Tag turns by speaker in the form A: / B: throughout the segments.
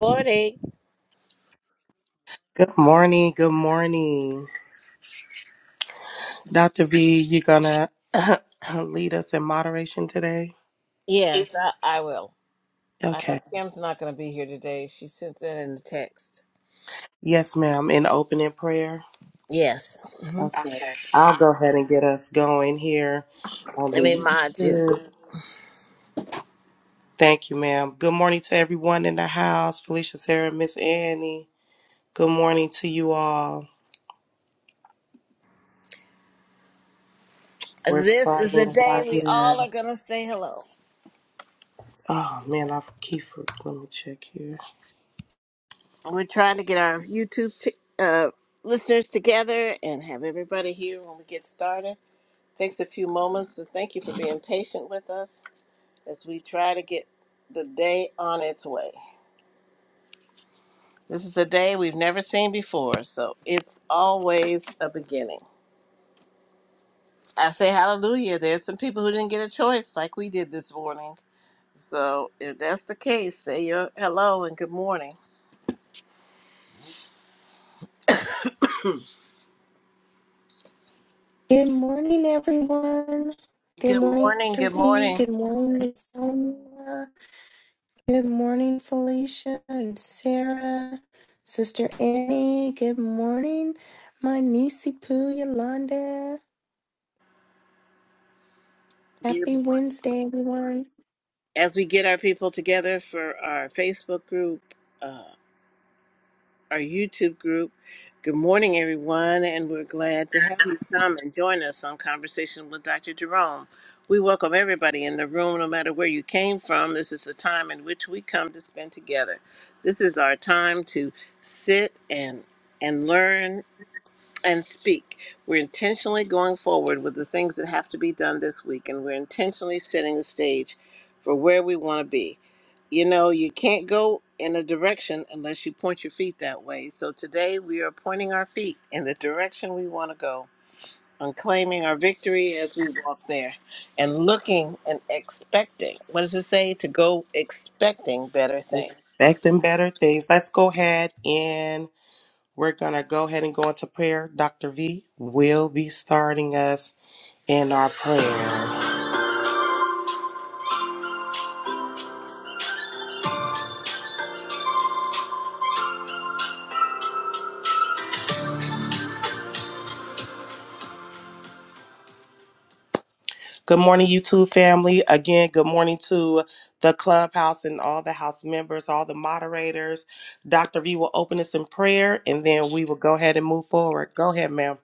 A: Morning.
B: Good morning. Good morning. Dr. V, you gonna lead us in moderation today?
A: Yes, I, I will. I know
B: Okay.
A: Kim's not going to be here today. She sent that in the text.
B: Yes, ma'am. In opening prayer.
A: Yes. hmm
B: Okay. I'll go ahead and get us going here on
A: Let
B: the
A: me mod you.
B: YouTube. Thank you, ma'am. Good morning to everyone in the house. Felicia, Sarah, Miss Annie. Good morning to you all. We're
A: This is the
B: starting
A: day
B: right
A: we all
B: here.
A: are going to say hello.
B: Oh man, I keep. for- Let me check here.
A: We're trying to get our YouTube t- uh, listeners together and have everybody here when we get started. Takes a few moments, so thank you for being patient with us as we try to get the day on its way. This is a day we've never seen before, so it's always a beginning. I say hallelujah. There's some people who didn't get a choice like we did this morning. So if that's the case, say your hello and good morning.
C: Good morning, everyone. Good
A: Good
C: morning,
A: morning.
C: Dr.
A: Good
C: V.
A: morning.
C: Good morning, Miss Sonia. Good morning, Felicia and Sarah. Sister Annie, good morning. My niecey Poo Yolanda. Happy
A: Good morning.
C: Wednesday, everyone.
A: As we get our people together for our Facebook group, our YouTube group. Good morning, everyone, and we're glad to have you come and join us on Conversation with Dr. Jerome. We welcome everybody in the room, no matter where you came from. This is a time in which we come to spend together. This is our time to sit and and learn and speak. We're intentionally going forward with the things that have to be done this week, and we're intentionally setting the stage for where we want to be. You know, you can't go in a direction unless you point your feet that way. So today we are pointing our feet in the direction we want to go and claiming our victory as we walk there and looking and expecting. What does it say? To go expecting better things.
B: Expecting better things. Let's go ahead We're going to go ahead and go into prayer. Dr. V will be starting us in our prayer. Good morning, YouTube family. Again, good morning to the clubhouse and all the house members, all the moderators. Dr. V will open us in prayer and then we will go ahead and move forward. Go ahead, ma'am.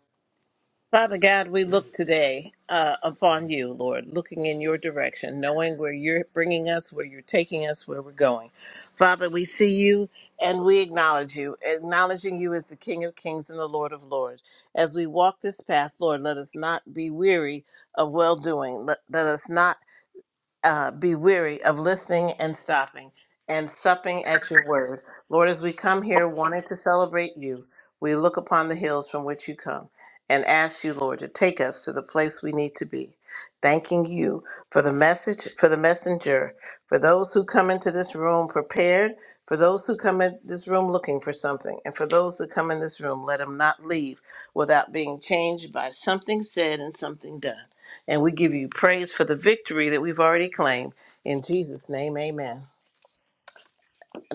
A: Father God, we look today uh, upon you, Lord, looking in your direction, knowing where you're bringing us, where you're taking us, where we're going. Father, we see you and we acknowledge you, acknowledging you as the King of Kings and the Lord of Lords. As we walk this path, Lord, let us not be weary of well doing. Let, let us not uh, be weary of listening and stopping and supping at your word. Lord, as we come here wanting to celebrate you, we look upon the hills from which you come and ask you, Lord, to take us to the place we need to be. Thanking you for the message, for the messenger, for those who come into this room prepared, for those who come in this room looking for something, and for those who come in this room, let them not leave without being changed by something said and something done. And we give you praise for the victory that we've already claimed. In Jesus' name, amen.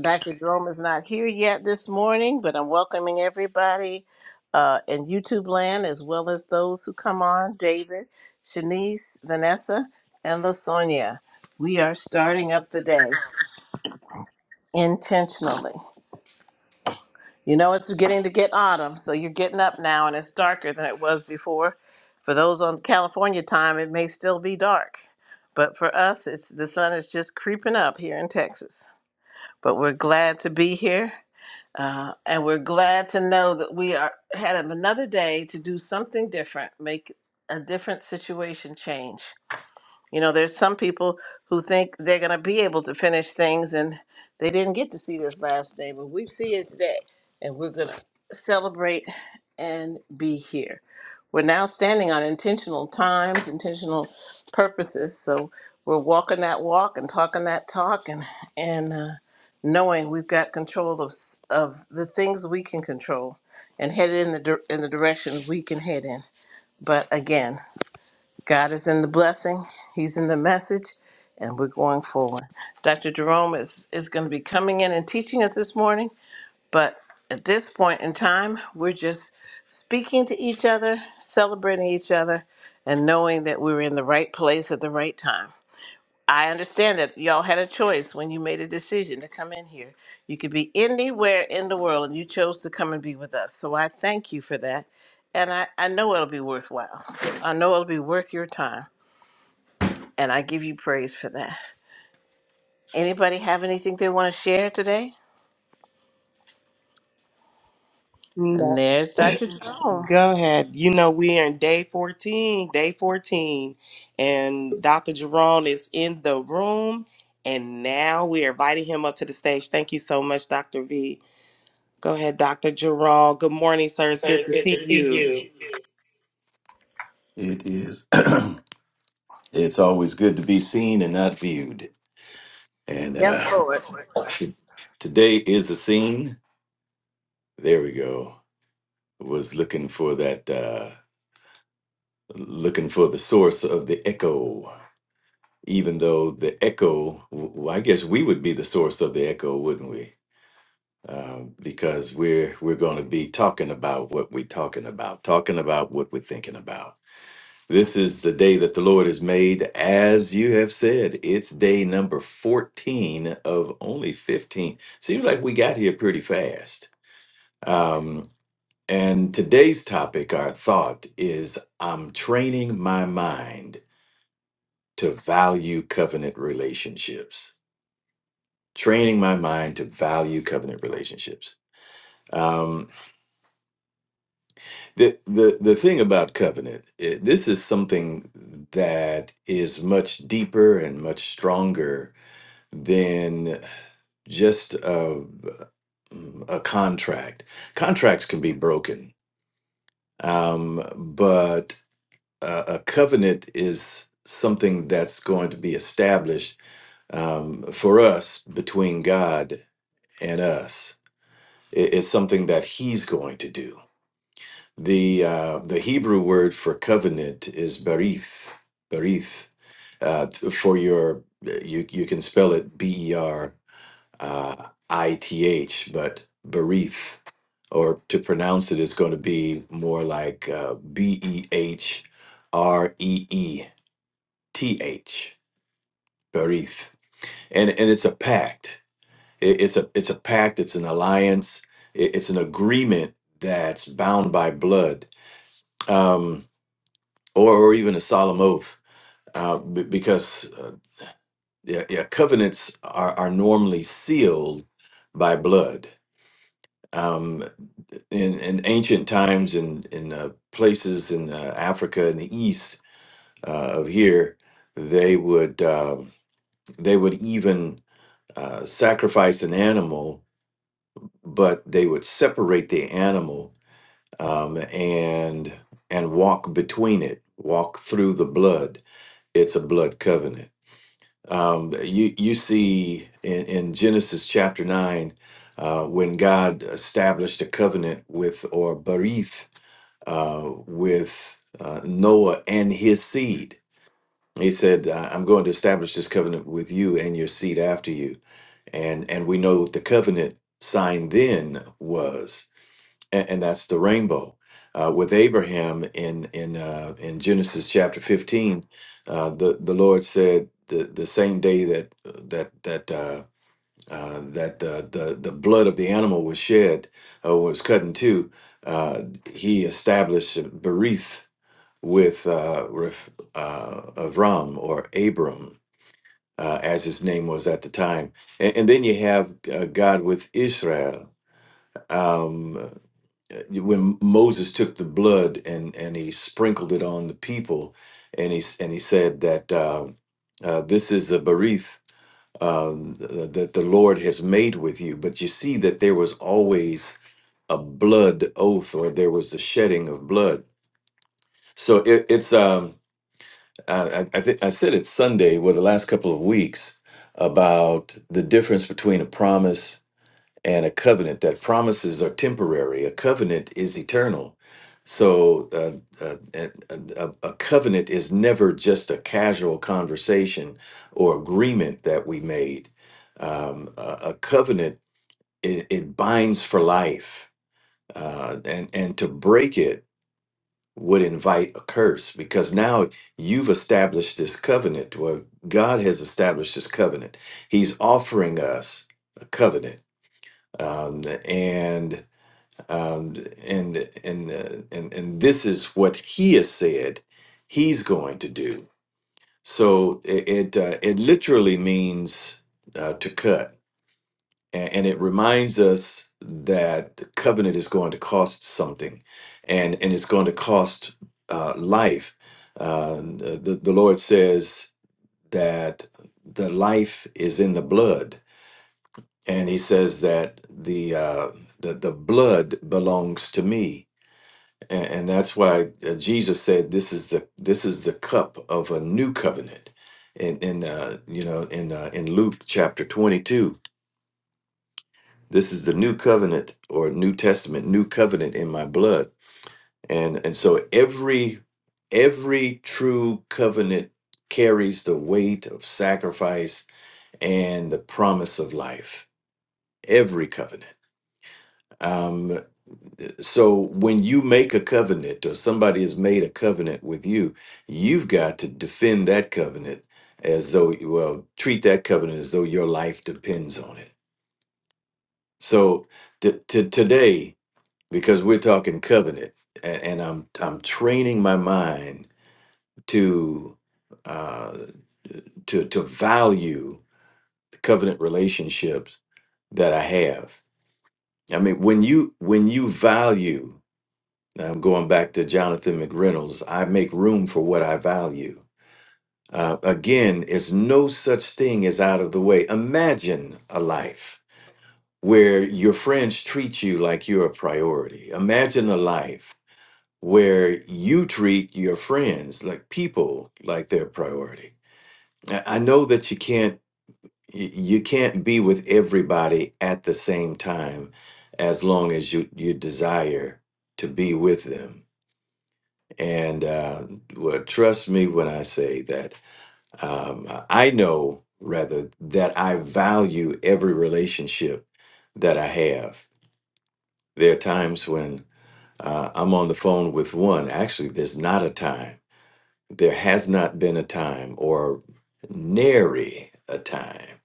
A: Dr. Jerome is not here yet this morning, but I'm welcoming everybody uh, in YouTube land as well as those who come on David, Shanice, Vanessa, and LaSonia. We are starting up the day intentionally. You know, it's beginning to get autumn, so you're getting up now and it's darker than it was before. For those on California time, it may still be dark. But for us, it's the sun is just creeping up here in Texas. But we're glad to be here. Uh, and we're glad to know that we are had another day to do something different, make a different situation change. You know, there's some people who think they're going to be able to finish things and they didn't get to see this last day, but we see it today and we're going to celebrate and be here. We're now standing on intentional times, intentional purposes. So we're walking that walk and talking that talk and, and uh, knowing we've got control of, s- of the things we can control and headed in the, dir- in the direction we can head in. But again, God is in the blessing, He's in the message, and we're going forward. Dr. Jerome is, is going to be coming in and teaching us this morning, but at this point in time, we're just speaking to each other, celebrating each other, and knowing that we were in the right place at the right time. I understand that y'all had a choice when you made a decision to come in here. You could be anywhere in the world, and you chose to come and be with us. So I thank you for that. And I, I know it'll be worthwhile. I know it'll be worth your time. And I give you praise for that. Anybody have anything they want to share today? And
B: No.
A: there's Dr. Jerome
B: Go ahead. You know, we're in day 14, day 14, and Dr. Jerome is in the room, and now we're inviting him up to the stage. Thank you so much, Dr. V. Go ahead, Dr. Jerome. Good morning, sir. It's good to see you.
D: It is. it's always good to be seen and not viewed. And
A: Yes,
D: uh,
A: Lord.
D: t- today is the scene. There we go. Was looking for that. Uh, looking for the source of the echo. Even though the echo, well, I guess we would be the source of the echo, wouldn't we? Um, because we're we're going to be talking about what we're talking about, talking about what we're thinking about. This is the day that the Lord has made. As you have said, it's day number 14 of only 15. Seems like we got here pretty fast. Um, and today's topic, our thought is I'm training my mind to value covenant relationships. Training my mind to value covenant relationships. Um, the, the, the thing about covenant, eh, this is something that is much deeper and much stronger than just a, a contract. Contracts can be broken, um, but a, a covenant is something that's going to be established um, for us between God and us. It- it's something that He's going to do. The uh, the Hebrew word for covenant is berith, berith. Uh, t- for your you you can spell it b e r uh, ith, but Berith, or to pronounce it is going to be more like uh, B E H R E E T H, Berith, and and it's a pact. It, it's a it's a pact. It's an alliance. It, it's an agreement that's bound by blood, um, or or even a solemn oath, uh, b- because. Uh, yeah, yeah, covenants are, are normally sealed by blood. Um, in, in ancient times in, in uh, places in uh, Africa in the east uh, of here, they would um they would even uh, sacrifice an animal, but they would separate the animal um, and and walk between it, walk through the blood. It's a blood covenant. Um, you you see in, in Genesis chapter nine uh, when God established a covenant with or barith uh, with uh, Noah and his seed. He said, "I- "I'm going to establish this covenant with you and your seed after you." And and we know what the covenant sign then was, and, and that's the rainbow. Uh, with Abraham in in uh, in Genesis chapter 15, uh, the the Lord said the, the same day that that that uh, uh, that the, the the blood of the animal was shed or was cut in two, uh, he established Berith with uh, Ref, uh, Avram or Abram, uh, as his name was at the time. And, and then you have uh, God with Israel. Um, when Moses took the blood and, and he sprinkled it on the people, and he, s- and he said that um uh, this is the berith um, th- that the Lord has made with you. But you see that there was always a blood oath or there was the shedding of blood. So it, it's. Um, I, I, th- I said it Sunday, well, the last couple of weeks, about the difference between a promise and a covenant, that promises are temporary, a covenant is eternal. So, uh, uh, a, a a covenant is never just a casual conversation or agreement that we made. Um, a, a covenant, it, it binds for life. Uh, and, and to break it, would invite a curse because now you've established this covenant Well, God has established this covenant. He's offering us a covenant. Um, and, um, and, and, uh, and, and this is what he has said he's going to do. So it, it, uh, it literally means uh, to cut and, and it reminds us that the covenant is going to cost something and and it's going to cost uh, life uh, the, the lord says that the life is in the blood and he says that the uh, the, the blood belongs to me and, and that's why uh, jesus said this is the this is the cup of a new covenant in in uh, you know in uh, in luke chapter 22 This is the new covenant or New Testament, new covenant in my blood. And and so every every true covenant carries the weight of sacrifice and the promise of life. Every covenant. Um, so when you make a covenant or somebody has made a covenant with you, you've got to defend that covenant as though, well, treat that covenant as though your life depends on it. So t- t- today, because we're talking covenant, and, and I'm I'm training my mind to uh, to to value the covenant relationships that I have. I mean, when you when you value, now I'm going back to Jonathan McReynolds. I make room for what I value. Uh, again, it's no such thing as out of the way. Imagine a life where your friends treat you like you're a priority. Imagine a life where you treat your friends like people like their priority i I know that you can't y- you can't be with everybody at the same time as long as you you desire to be with them and uh, well, trust me when i say that um, i know rather that i value every relationship that i have there are times when uh, i'm on the phone with one actually there's not a time There has not been a time or nary a time.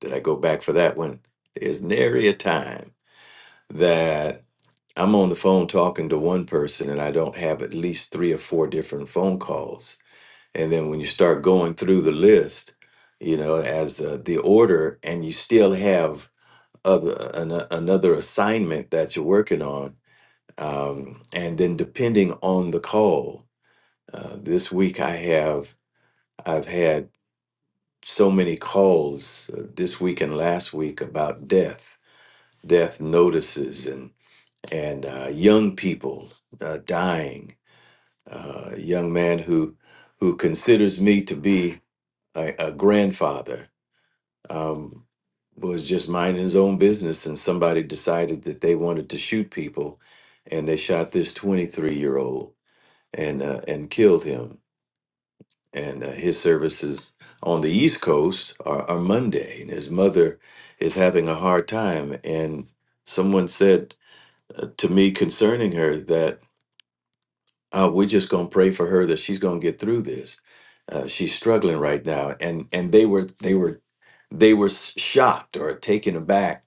D: Did I go back for that one? There's nary a time that I'm on the phone talking to one person and I don't have at least three or four different phone calls. And then when you start going through the list, you know, as uh, the order, and you still have other an, another assignment that you're working on, um, and then depending on the call, uh, this week I have I've had so many calls uh, this week and last week about death, death notices, and and uh, young people uh, dying. Uh, a young man who who considers me to be a, a grandfather um, was just minding his own business, and somebody decided that they wanted to shoot people, and they shot this 23 year old and uh, and killed him and uh, his services on the East Coast are, are Monday, and his mother is having a hard time. And someone said uh, to me concerning her that oh, we're just going to pray for her that she's going to get through this. Uh, she's struggling right now, and and they were they were they were s- shocked or taken aback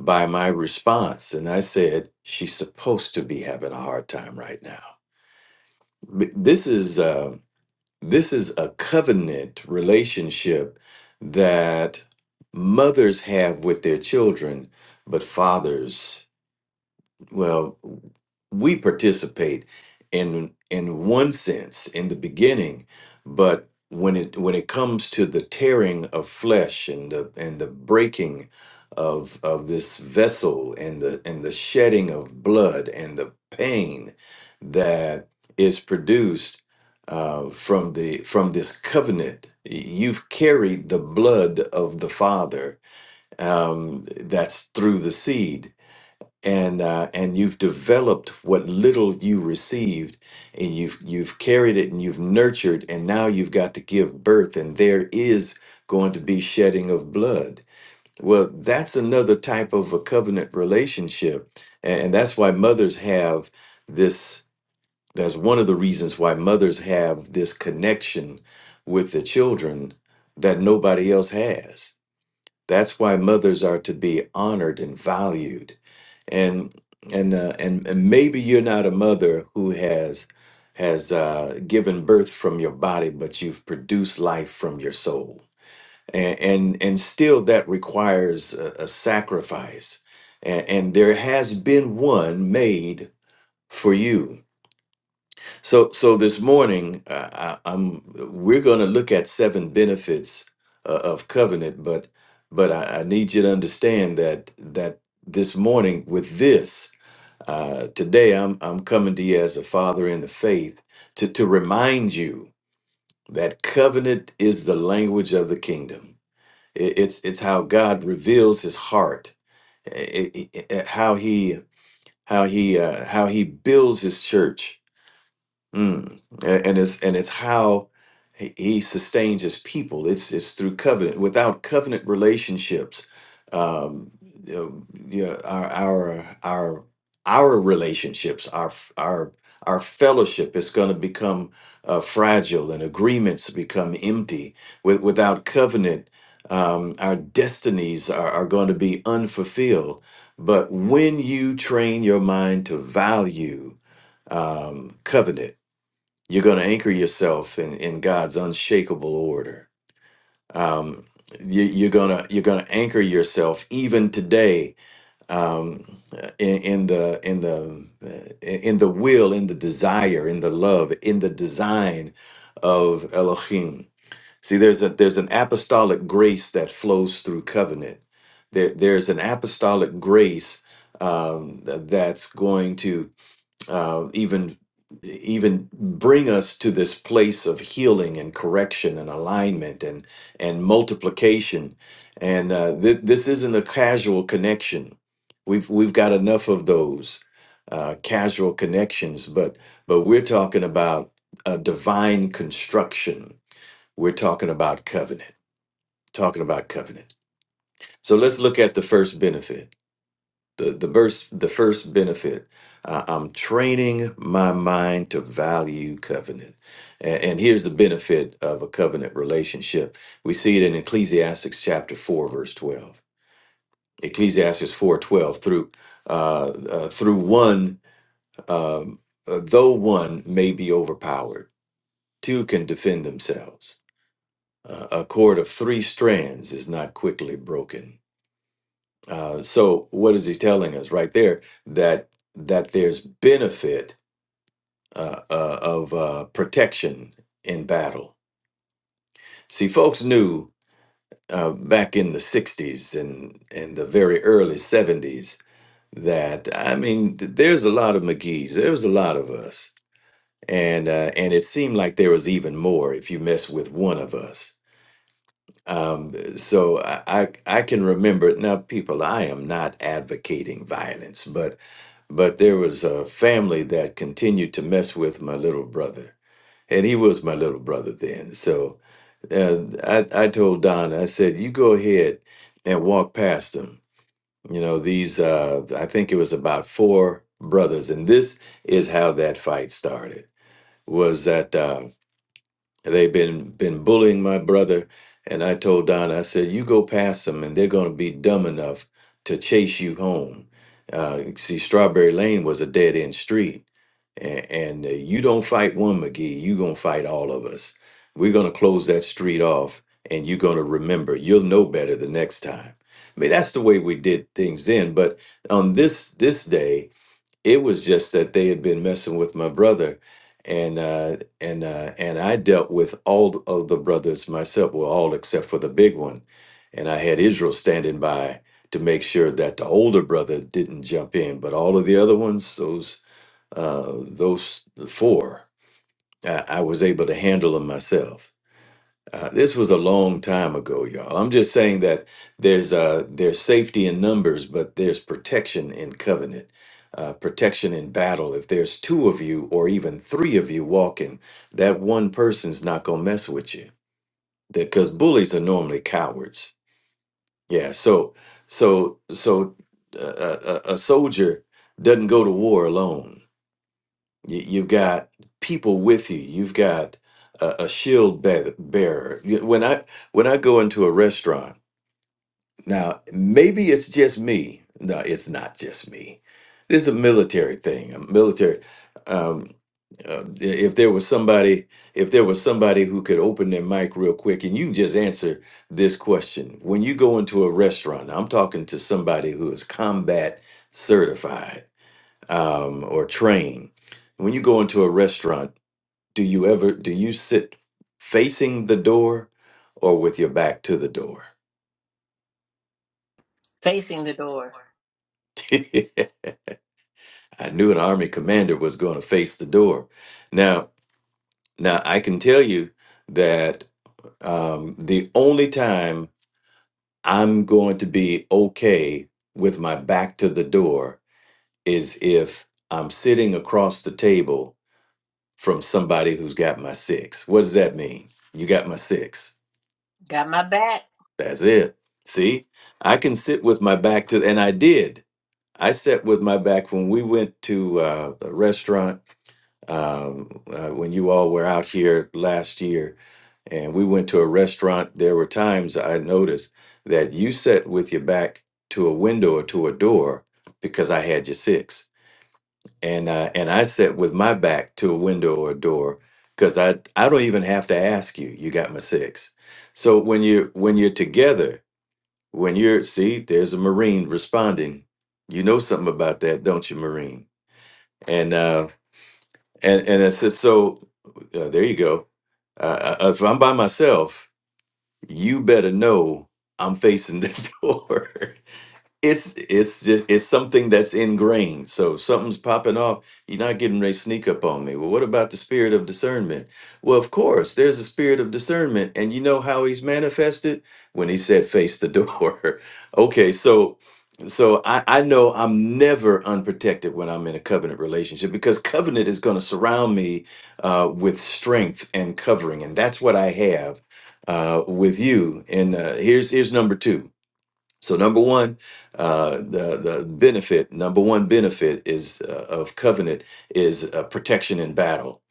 D: by my response, and I said she's supposed to be having a hard time right now. B- This is. um, this is a covenant relationship that mothers have with their children, but fathers well, we participate in in one sense in the beginning, but when it when it comes to the tearing of flesh and the and the breaking of of this vessel and the and the shedding of blood and the pain that is produced uh, from the from this covenant, y- you've carried the blood of the Father um, that's through the seed and uh, and you've developed what little you received and you've you've carried it and you've nurtured and now you've got to give birth and there is going to be shedding of blood well that's another type of a covenant relationship and, and that's why mothers have this that's one of the reasons why mothers have this connection with the children that nobody else has that's why mothers are to be honored and valued and and uh, and and maybe you're not a mother who has has uh, given birth from your body, but you've produced life from your soul, and and, and still that requires a, a sacrifice, and, and there has been one made for you. So so this morning, uh, I, I'm we're going to look at seven benefits uh, of covenant, but but I, I need you to understand that that this morning with this uh, today, I'm I'm coming to you as a father in the faith to to remind you that covenant is the language of the kingdom. It- it's it's how God reveals His heart, eh, eh, eh, eh, how He how He uh, how He builds His church, Mm. A- And it's and it's how he he sustains his people. It's it's through covenant. Without covenant relationships, um, you know, yeah, our our our our relationships, our f- our our fellowship is going to become uh, fragile, and agreements become empty. With, without covenant, um, our destinies are, are going to be unfulfilled. But when you train your mind to value um, covenant you're going to anchor yourself in, in God's unshakable order. Um, you, you're gonna you're gonna anchor yourself even today um, in, in the in the uh, in the will, in the desire, in the love, in the design of Elohim. See, there's a there's an apostolic grace that flows through covenant. There, there's an apostolic grace um, that's going to uh, even even bring us to this place of healing and correction and alignment and and multiplication and uh, th- this isn't a casual connection we've we've got enough of those uh, casual connections but but we're talking about a divine construction we're talking about covenant talking about covenant so let's look at the first benefit the the verse the first benefit I, i'm training my mind to value covenant and, and here's the benefit of a covenant relationship we see it in Ecclesiastes chapter 4 verse 12 ecclesiastes 4 12 through uh, uh through one um uh, though one may be overpowered two can defend themselves uh, a cord of three strands is not quickly broken Uh, so what is he telling us right there? That that there's benefit uh, uh, of uh, protection in battle. See, folks knew uh, back in the '60s and and the very early '70s that I mean, th- there's a lot of McGee's. There was a lot of us, and uh, and it seemed like there was even more if you mess with one of us. Um, so I, I I can remember now, people. I am not advocating violence, but but there was a family that continued to mess with my little brother, and he was my little brother then. So uh, I I told Don, I said, you go ahead and walk past them. You know these. Uh, I think it was about four brothers, and this is how that fight started. Was that? uh, they've been been bullying my brother and i told don i said you go past them and they're going to be dumb enough to chase you home uh, see strawberry lane was a dead end street and, and uh, you don't fight one mcgee you going to fight all of us we're going to close that street off and you're going to remember you'll know better the next time i mean that's the way we did things then but on this this day it was just that they had been messing with my brother and uh and uh and I dealt with all of the brothers myself well all except for the big one and I had Israel standing by to make sure that the older brother didn't jump in but all of the other ones those uh those four I, I was able to handle them myself uh, this was a long time ago, y'all. I'm just saying that there's uh, there's safety in numbers, but there's protection in covenant, uh, protection in battle. If there's two of you or even three of you walking, that one person's not gonna mess with you. Because bullies are normally cowards. Yeah. So so so uh, a, a a soldier doesn't go to war alone you, you've got people with you. You've got a, a shield bear- bearer. You- When I when I go into a restaurant now, maybe it's just me. No, it's not just me. This is a military thing. A military. Um, uh, if there was somebody, if there was somebody who could open their mic real quick, and you can just answer this question: When you go into a restaurant, I'm talking to somebody who is combat certified um, or train. When you go into a restaurant, do you ever do you sit facing the door or with your back to the door?
A: facing the door.
D: I knew an army commander was going to face the door. Now, now I can tell you that um, the only time I'm going to be okay with my back to the door is if I'm sitting across the table from somebody who's got my six. What does that mean? You got my six
A: Got my back.
D: That's it. See, I can sit with my back to, and I did. I sat with my back when we went to uh, a restaurant um, uh, when you all were out here last year, and we went to a restaurant. There were times I noticed that you sat with your back to a window or to a door because I had your six, and uh, and I sat with my back to a window or a door because I I don't even have to ask you. You got my six. So when you when you're together when you're, see, there's a Marine responding. You know something about that, don't you, Marine? And uh, and and I said, so uh, there you go. Uh, uh, if I'm by myself, you better know I'm facing the door it's it's just it's something that's ingrained. So if something's popping off, you're not getting ready to sneak up on me. Well, what about the spirit of discernment? Well, of course, there's a spirit of discernment, and you know how he's manifested when he said, "Face the door." okay, so so I, I know I'm never unprotected when I'm in a covenant relationship because covenant is going to surround me uh, with strength and covering, and that's what I have uh, with you. And uh, here's here's number two. So number one, uh, the the benefit number one benefit is uh, of covenant is uh, protection in battle.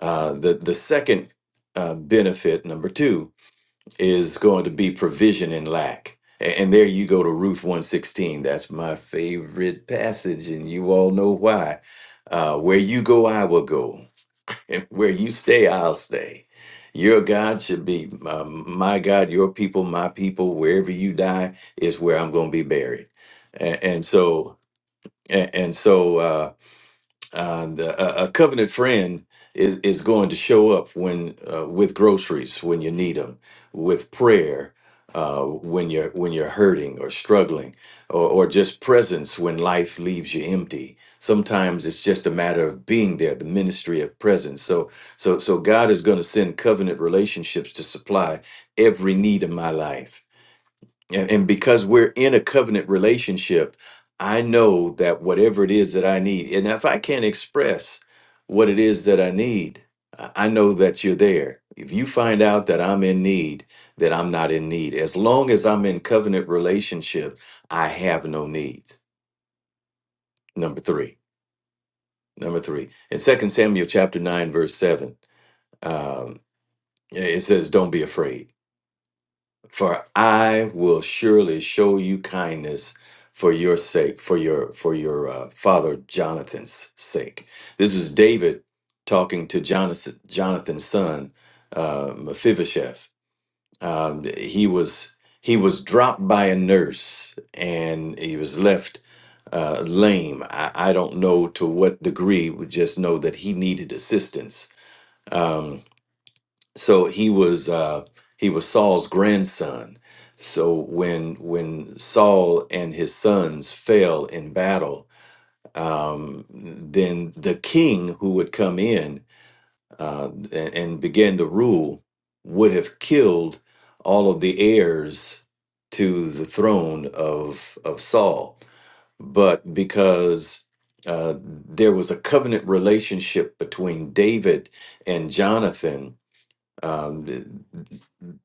D: Uh, the the second uh, benefit number two is going to be provision in lack. A- And there you go to Ruth one sixteen. That's my favorite passage, and you all know why. Uh, where you go, I will go. And where you stay, I'll stay. Your God should be uh, my God, your people, my people. Wherever you die is where I'm going to be buried. And, and so, and, and so. Uh, uh, the, a a covenant friend is is going to show up when uh, with groceries when you need them, with prayer uh, when you're when you're hurting or struggling, or, or just presence when life leaves you empty. Sometimes it's just a matter of being there, the ministry of presence. So so so God is going to send covenant relationships to supply every need in my life. And, and because we're in a covenant relationship, I know that whatever it is that I need, and if I can't express what it is that I need, I I know that you're there. If you find out that I'm in need, that I'm not in need. As long as I'm in covenant relationship, I have no need. Number three. Number three. In Second Samuel chapter 9, verse 7, um, it says, Don't be afraid. for I will surely show you kindness for your sake, for your for your uh, father Jonathan's sake. This was David talking to Jonathan, Jonathan's son uh, Mephibosheth. Um, he was he was dropped by a nurse and he was left uh, lame. I, I don't know to what degree. We just know that he needed assistance. Um, so he was uh he was Saul's grandson. So when when Saul and his sons fell in battle, um, then the king who would come in uh, and, and begin to rule would have killed all of the heirs to the throne of of Saul. But because uh, there was a covenant relationship between David and Jonathan, um,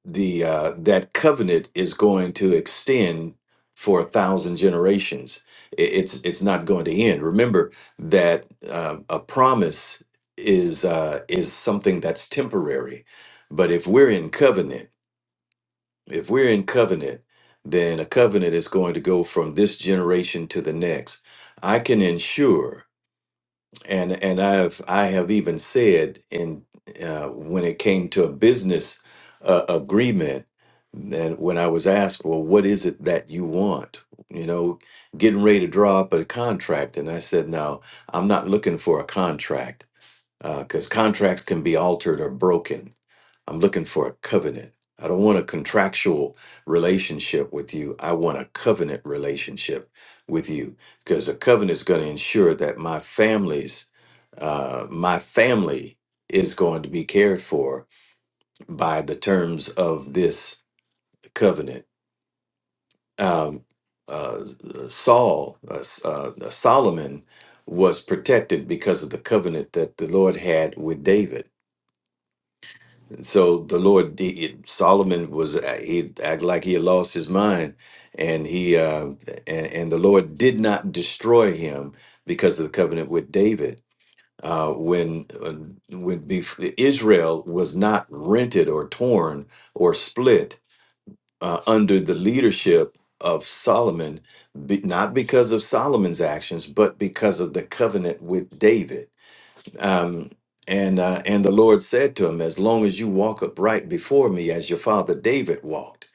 D: the uh, that covenant is going to extend for a thousand generations. I- It's it's not going to end. Remember that um, a promise is uh, is something that's temporary, but if we're in covenant, if we're in covenant, then a covenant is going to go from this generation to the next. I can ensure and and I've I have even said in uh, when it came to a business uh, agreement that when I was asked, well, what is it that you want? You know, getting ready to draw up a contract, and I said, no, I'm not looking for a contract because contracts can be altered or broken I'm looking for a covenant. I don't want a contractual relationship with you. I want a covenant relationship with you because a covenant is going to ensure that my family's uh, my family is going to be cared for by the terms of this covenant. Um, uh, Saul, uh, S- uh, Solomon was protected because of the covenant that the Lord had with David So the Lord, he, he- Solomon was a- he act like he had lost his mind, and he uh, and, and the Lord did not destroy him because of the covenant with David. Uh, when uh, when bef- Israel was not rented or torn or split uh, under the leadership of Solomon, be, not because of Solomon's actions, but because of the covenant with David um, and uh, and the Lord said to him, "As long as you walk upright before me, as your father David walked,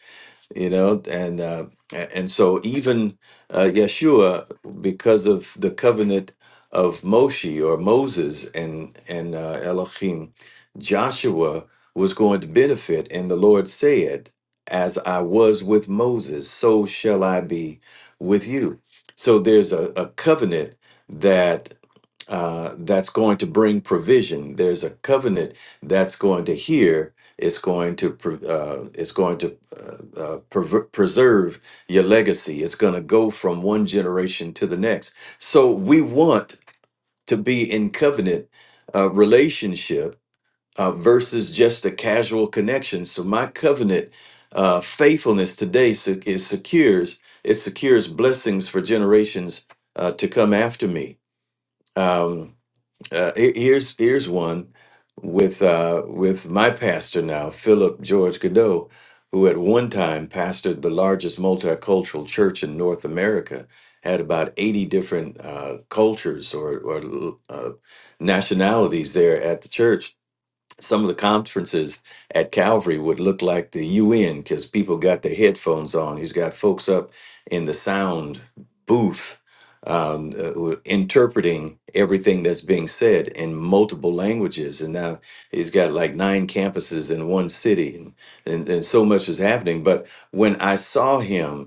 D: you know." And uh, a- and so even uh, Yeshua, because of the covenant of Moshe or Moses and and uh, Elohim, Joshua was going to benefit, and the Lord said, "As I was with Moses, so shall I be with you." So there's a, a covenant that uh, that's going to bring provision. There's a covenant that's going to hear. It's going to pre- uh, it's going to uh, uh, prever- preserve your legacy. It's going to go from one generation to the next. So we want to be in covenant uh, relationship uh, versus just a casual connection. So my covenant uh, faithfulness today se- is secures it secures blessings for generations uh, to come after me. Um, uh, he- here's here's one with uh, with my pastor now, Philip George Godot, who at one time pastored the largest multicultural church in North America, had about eighty different uh, cultures or or uh, nationalities there at the church some of the conferences at Calvary would look like the UN because people got their headphones on. He's got folks up in the sound booth um, uh, who interpreting everything that's being said in multiple languages. And now he's got like nine campuses in one city, and, and, and so much is happening. But when I saw him,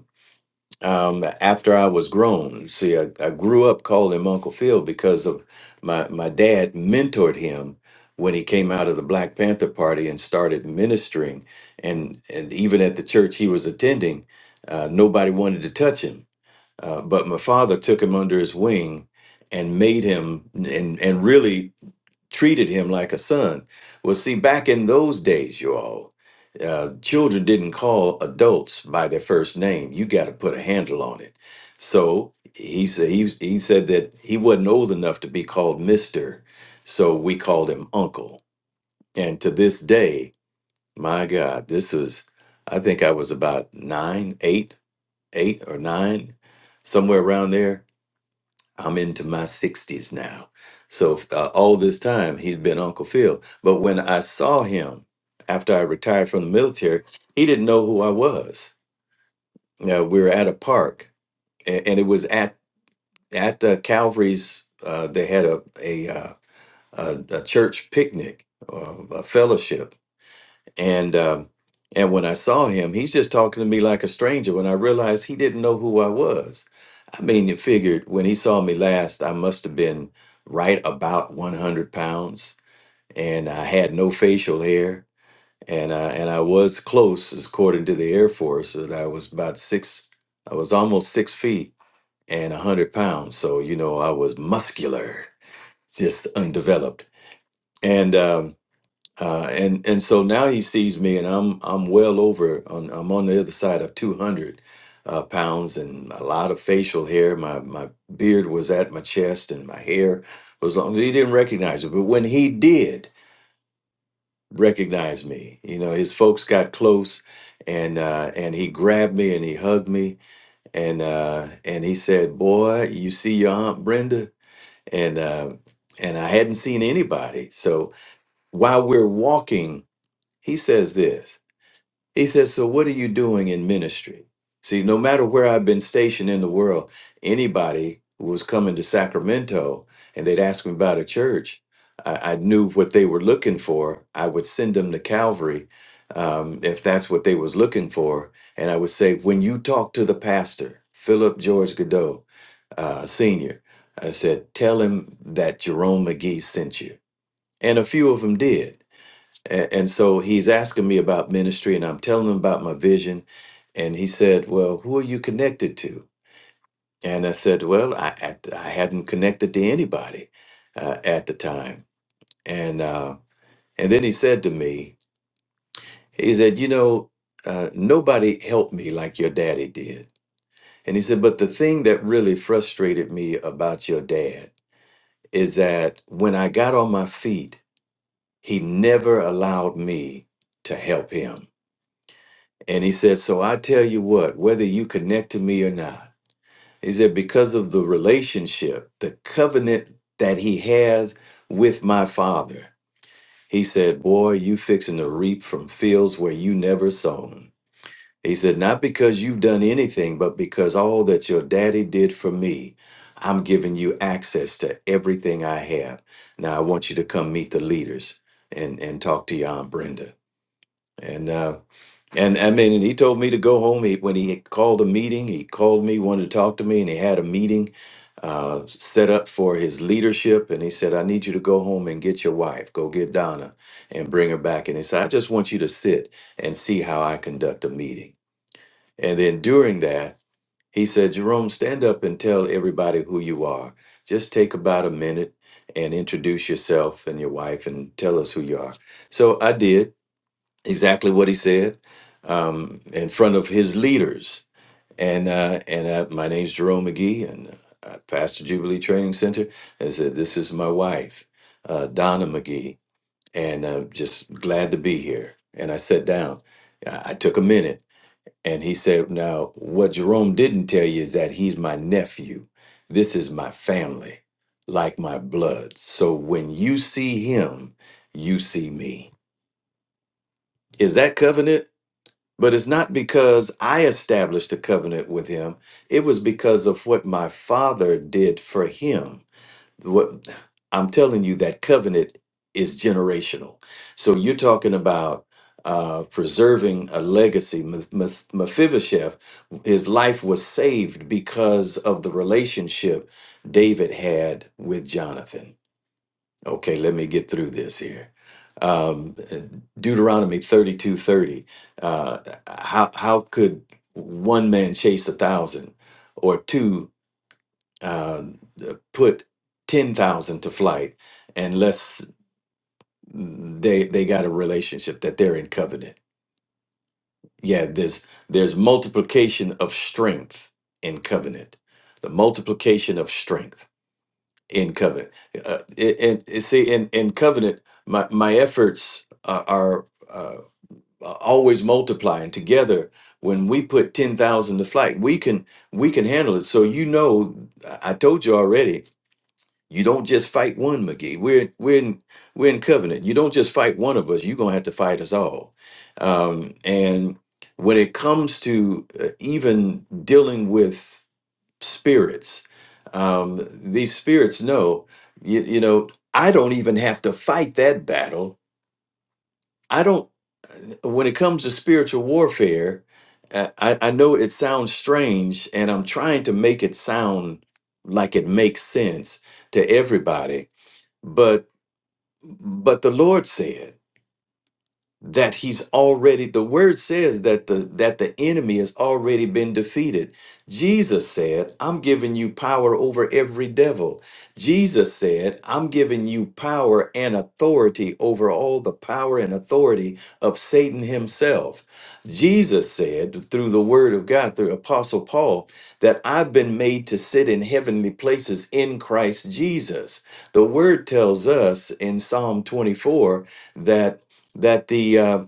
D: um, after I was grown. See, I, I grew up calling him Uncle Phil because of my my dad mentored him when he came out of the Black Panther Party and started ministering, and and even at the church he was attending, uh, nobody wanted to touch him. Uh, but my father took him under his wing and made him and and really treated him like a son. Well, see, back in those days, you all, uh, children didn't call adults by their first name. You got to put a handle on it. So he said he, was- he said that he wasn't old enough to be called Mister, so we called him Uncle. And to this day, my God, this was I think I was about nine, eight, eight or nine, somewhere around there I'm into my 60s now. So uh, all this time, he's been Uncle Phil. But when I saw him after I retired from the military, he didn't know who I was. Now, we were at a park, and, and it was at at the Calvary's. Uh, they had a a, uh, a a church picnic, uh, a fellowship, and um, and when I saw him, he's just talking to me like a stranger. When I realized he didn't know who I was, I mean, you figured when he saw me last, I must have been right about 100 pounds, and I had no facial hair, and I, and I was close, as according to the Air Force, that I was about six, I was almost six feet and 100 pounds. So you know, I was muscular, just undeveloped, and. Um, uh, and and so now he sees me, and I'm I'm well over. On, I'm on the other side of 200 uh, pounds, and a lot of facial hair. My my beard was at my chest, and my hair was long. He didn't recognize it, but when he did recognize me, you know, his folks got close, and uh, and he grabbed me and he hugged me, and uh, and he said, "Boy, you see your aunt Brenda," and uh, and I hadn't seen anybody. So while we're walking, he says this. He says, So what are you doing in ministry? See, no matter where I've been stationed in the world, anybody who was coming to Sacramento and they'd ask me about a church, I, I knew what they were looking for. I would send them to Calvary um, if that's what they was looking for. And I would say, when you talk to the pastor, Philip George Godot, uh, Senior, I said, tell him that Jerome McGee sent you. And a few of them did. And, and so he's asking me about ministry, and I'm telling him about my vision. And he said, Well, who are you connected to? And I said, Well, I, at I hadn't connected to anybody uh, at the time. And, uh, and then he said to me, He said, You know, uh, nobody helped me like your daddy did. And he said, But the thing that really frustrated me about your dad is that when I got on my feet, he never allowed me to help him And he said, So I tell you what, whether you connect to me or not, he said, because of the relationship, the covenant that he has with my father, he said, Boy, you fixing to reap from fields where you never sown. He said, Not because you've done anything, but because all that your daddy did for me, I'm giving you access to everything I have. Now I want you to come meet the leaders and, and talk to your Aunt Brenda. And uh, and I mean, and he told me to go home. He, when he called a meeting, he called me, wanted to talk to me, and he had a meeting uh, set up for his leadership. And he said, I need you to go home and get your wife. Go get Donna and bring her back. And he said, I just want you to sit and see how I conduct a meeting. And then during that, he said, Jerome, stand up and tell everybody who you are. Just take about a minute and introduce yourself and your wife and tell us who you are. So I did exactly what he said um, in front of his leaders. And uh, and uh, my name's Jerome McGee, and uh, Pastor Jubilee Training Center. I said, "This is my wife, uh, Donna McGee, and I'm just glad to be here." And I sat down. I, I took a minute, and he said, "Now, what Jerome didn't tell you is that he's my nephew. This is my family, like my blood. So when you see him, you see me. Is that covenant?" But it's not because I established a covenant with him. It was because of what my father did for him. What I'm telling you, that covenant is generational. So you're talking about uh, preserving a legacy. Meph- Meph- Mephibosheth, his life was saved because of the relationship David had with Jonathan. Okay, let me get through this here. Um, Deuteronomy thirty-two thirty. Uh, how how could one man chase a thousand, or two uh, put ten thousand to flight, unless they they got a relationship that they're in covenant? Yeah, there's there's multiplication of strength in covenant. The multiplication of strength. in covenant. Uh, it- and and see, in, in covenant, my, my efforts are, are uh, always multiplying together. When we put ten thousand to flight, we can we can handle it. So you know, I I told you already. You don't just fight one, McGee. We're we're in, we're in covenant. You don't just fight one of us. You're gonna have to fight us all. Um, and when it comes to uh, even dealing with spirits. Um, these spirits know, you, you know, I don't even have to fight that battle. I don't, uh, when it comes to spiritual warfare, uh, I, I know it sounds strange and I'm trying to make it sound like it makes sense to everybody. But, but the Lord said, that he's already the word says that the that the enemy has already been defeated jesus said i'm giving you power over every devil jesus said i'm giving you power and authority over all the power and authority of satan himself jesus said through the word of god through apostle paul that i've been made to sit in heavenly places in christ jesus the word tells us in psalm 24 that that the uh,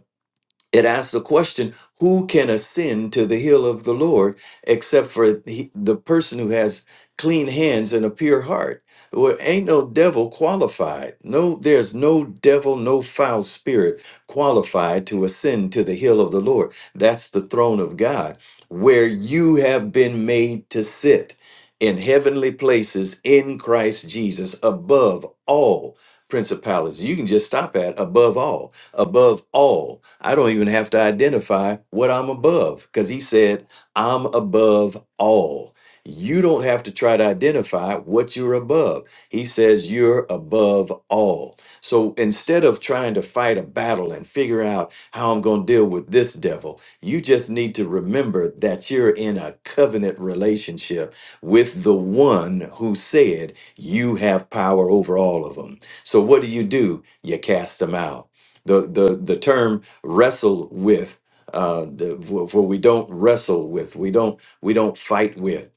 D: it asks the question who can ascend to the hill of the lord except for the, the person who has clean hands and a pure heart well ain't no devil qualified no there's no devil no foul spirit qualified to ascend to the hill of the lord that's the throne of god where you have been made to sit in heavenly places in christ jesus above all principalities you can just stop at above all above all. I don't even have to identify what I'm above because he said, I'm above all. You don't have to try to identify what you're above. He says you're above all. So instead of trying to fight a battle and figure out how I'm going to deal with this devil, you just need to remember that you're in a covenant relationship with the one who said you have power over all of them. So what do you do? You cast them out the the the term wrestle with uh the, for, for we don't wrestle with we don't we don't fight with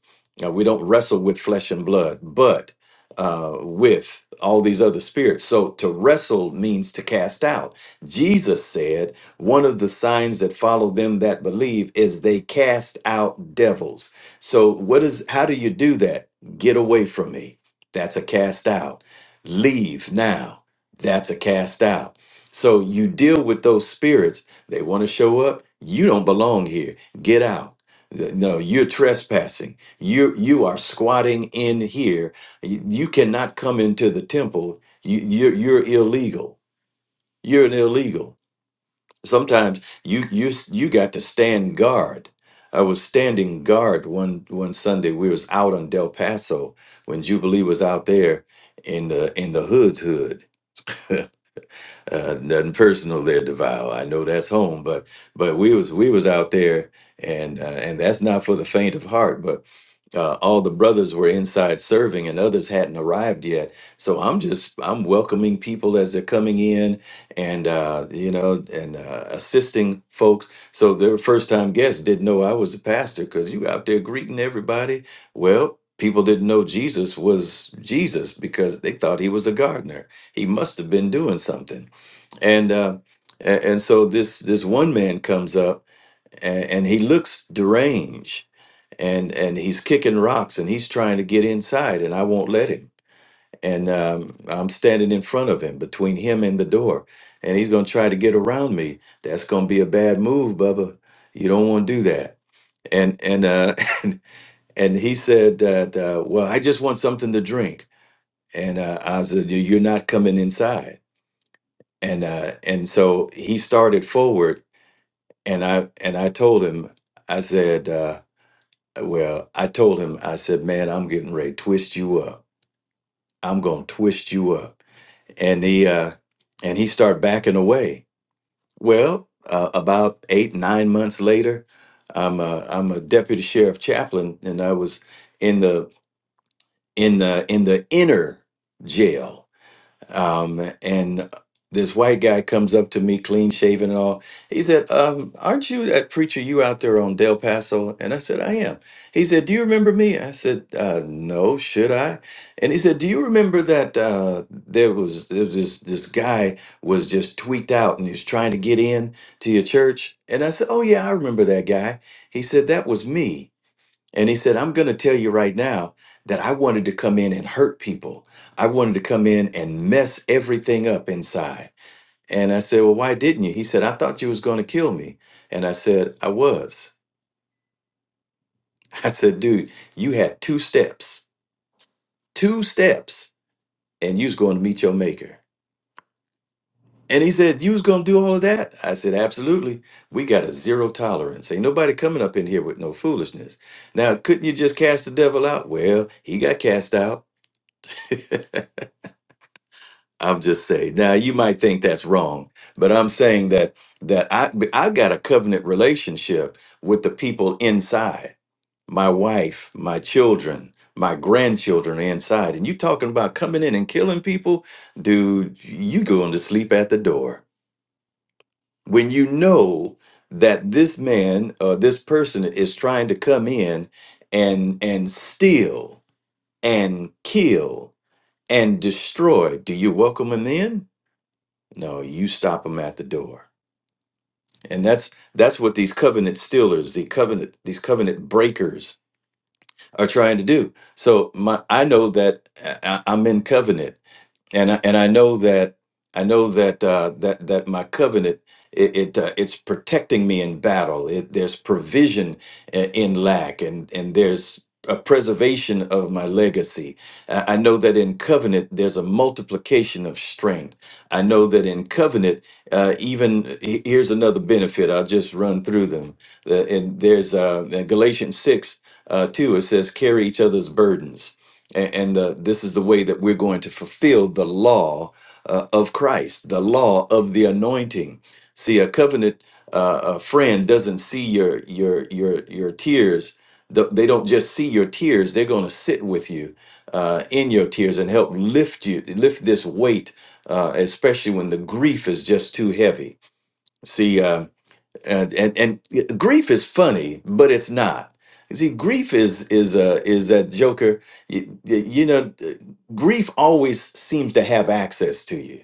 D: uh, we don't wrestle with flesh and blood but uh with all these other spirits so to wrestle means to cast out jesus said one of the signs that follow them that believe is they cast out devils so what is how do you do that get away from me that's a cast out leave now that's a cast out so you deal with those spirits. They want to show up. You don't belong here. Get out. Th- No, you're trespassing. You you are squatting in here. You, you cannot come into the temple. You you're, you're illegal. You're an illegal. Sometimes you you s- you got to stand guard. I was standing guard one one Sunday. We was out on Del Paso when Jubilee was out there in the in the hood's hood uh, nothing personal there, DeVal. I know that's home, but but we was we was out there, and uh, and that's not for the faint of heart. But uh, all the brothers were inside serving, and others hadn't arrived yet. So I'm just I'm welcoming people as they're coming in, and uh, you know, and uh, assisting folks. So their first time guests didn't know I was a pastor because you out there greeting everybody. Well, people didn't know Jesus was Jesus because they thought he was a gardener. He must have been doing something and uh, a- and so this this one man comes up and, and he looks deranged and and he's kicking rocks and he's trying to get inside and I won't let him and um, I'm standing in front of him between him and the door and he's gonna try to get around me. That's gonna be a bad move, Bubba. You don't want to do that. And and uh, and, and he said that uh, well I just want something to drink and uh, I said "You- you're not coming inside and uh, and so he started forward and I and I told him, I said, uh, well, I told him, I said, man, I'm getting ready to twist you up. I'm gonna twist you up. And he uh, and he started backing away. Well, uh, about eight nine months later, I'm a, I'm a deputy sheriff chaplain, and I was in the in the in the inner jail Um, and this white guy comes up to me, clean shaven and all. He said, um, Aren't you that preacher you out there on Del Paso? And I said, I am. He said, Do you remember me? I said, uh, No, should I? And he said, Do you remember that uh, there was, there was this, this guy was just tweaked out and he was trying to get in to your church? And I said, Oh, yeah, I remember that guy. He said, That was me. And he said, I'm going to tell you right now that I wanted to come in and hurt people. I wanted to come in and mess everything up inside. And I said, Well, why didn't you? He said, I thought you was going to kill me. And I said, I was. I said, Dude, you had two steps, two steps, and you was going to meet your maker. And he said, You was going to do all of that? I said, Absolutely. We got a zero tolerance. Ain't nobody coming up in here with no foolishness. Now, couldn't you just cast the devil out? Well, he got cast out. I'm just saying. Now you might think that's wrong, but I'm saying that that I I've got a covenant relationship with the people inside. My wife, my children, my grandchildren are inside. And you talking about coming in and killing people, dude, you going to sleep at the door. When you know that this man or this person is trying to come in and and steal and kill and destroy, do you welcome him in? No, you stop them at the door. And that's that's what these covenant stealers, the covenant these covenant breakers are trying to do. So my I know that I, I- am in covenant and I, and I know that I know that uh, that that my covenant it, it uh, it's protecting me in battle. It, there's provision i- in lack, and and there's a preservation of my legacy. I I know that in covenant there's a multiplication of strength. I know that in covenant, uh, even he- here's another benefit. I'll just run through them. The- and there's uh, Galatians six uh, two. It says, "Carry each other's burdens." and, and the, this is the way that we're going to fulfill the law uh, of Christ, the law of the anointing. See, a covenant uh, a friend doesn't see your your your your tears. Th- They don't just see your tears; they're going to sit with you uh, in your tears and help lift you, lift this weight, uh, especially when the grief is just too heavy. See. Uh, and and, and grief is funny, but it's not. You see, grief is is uh, is that Joker. You, you know, uh, grief always seems to have access to you.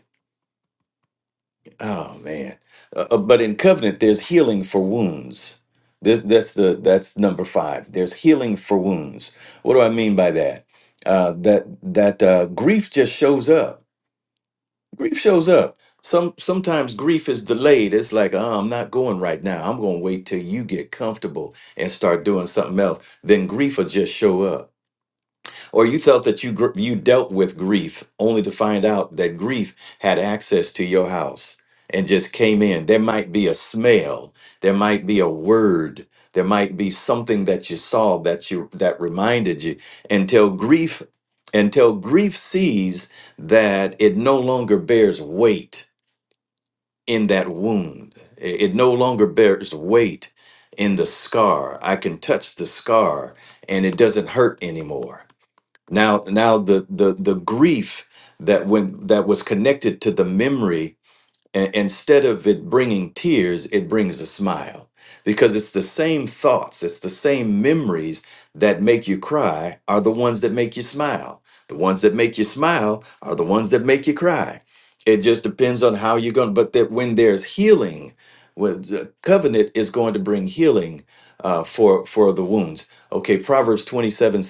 D: Oh man! Uh, uh, but in covenant, there's healing for wounds. This that's the that's number five. There's healing for wounds. What do I mean by that? Uh, that that uh, grief just shows up grief shows up some sometimes grief is delayed it's like oh, i'm not going right now i'm going to wait till you get comfortable and start doing something else then grief will just show up or you felt that you gr- you dealt with grief only to find out that grief had access to your house and just came in there might be a smell there might be a word there might be something that you saw that you that reminded you until grief until grief sees that it no longer bears weight in that wound it it no longer bears weight in the scar i can touch the scar and it doesn't hurt anymore now, now the the the grief that when that was connected to the memory and instead of it bringing tears, it brings a smile because it's the same thoughts, it's the same memories that make you cry are the ones that make you smile. The ones that make you smile are the ones that make you cry. It just depends on how you're going. But that when there's healing, when the covenant is going to bring healing uh, for for the wounds. Okay, Proverbs 27:17,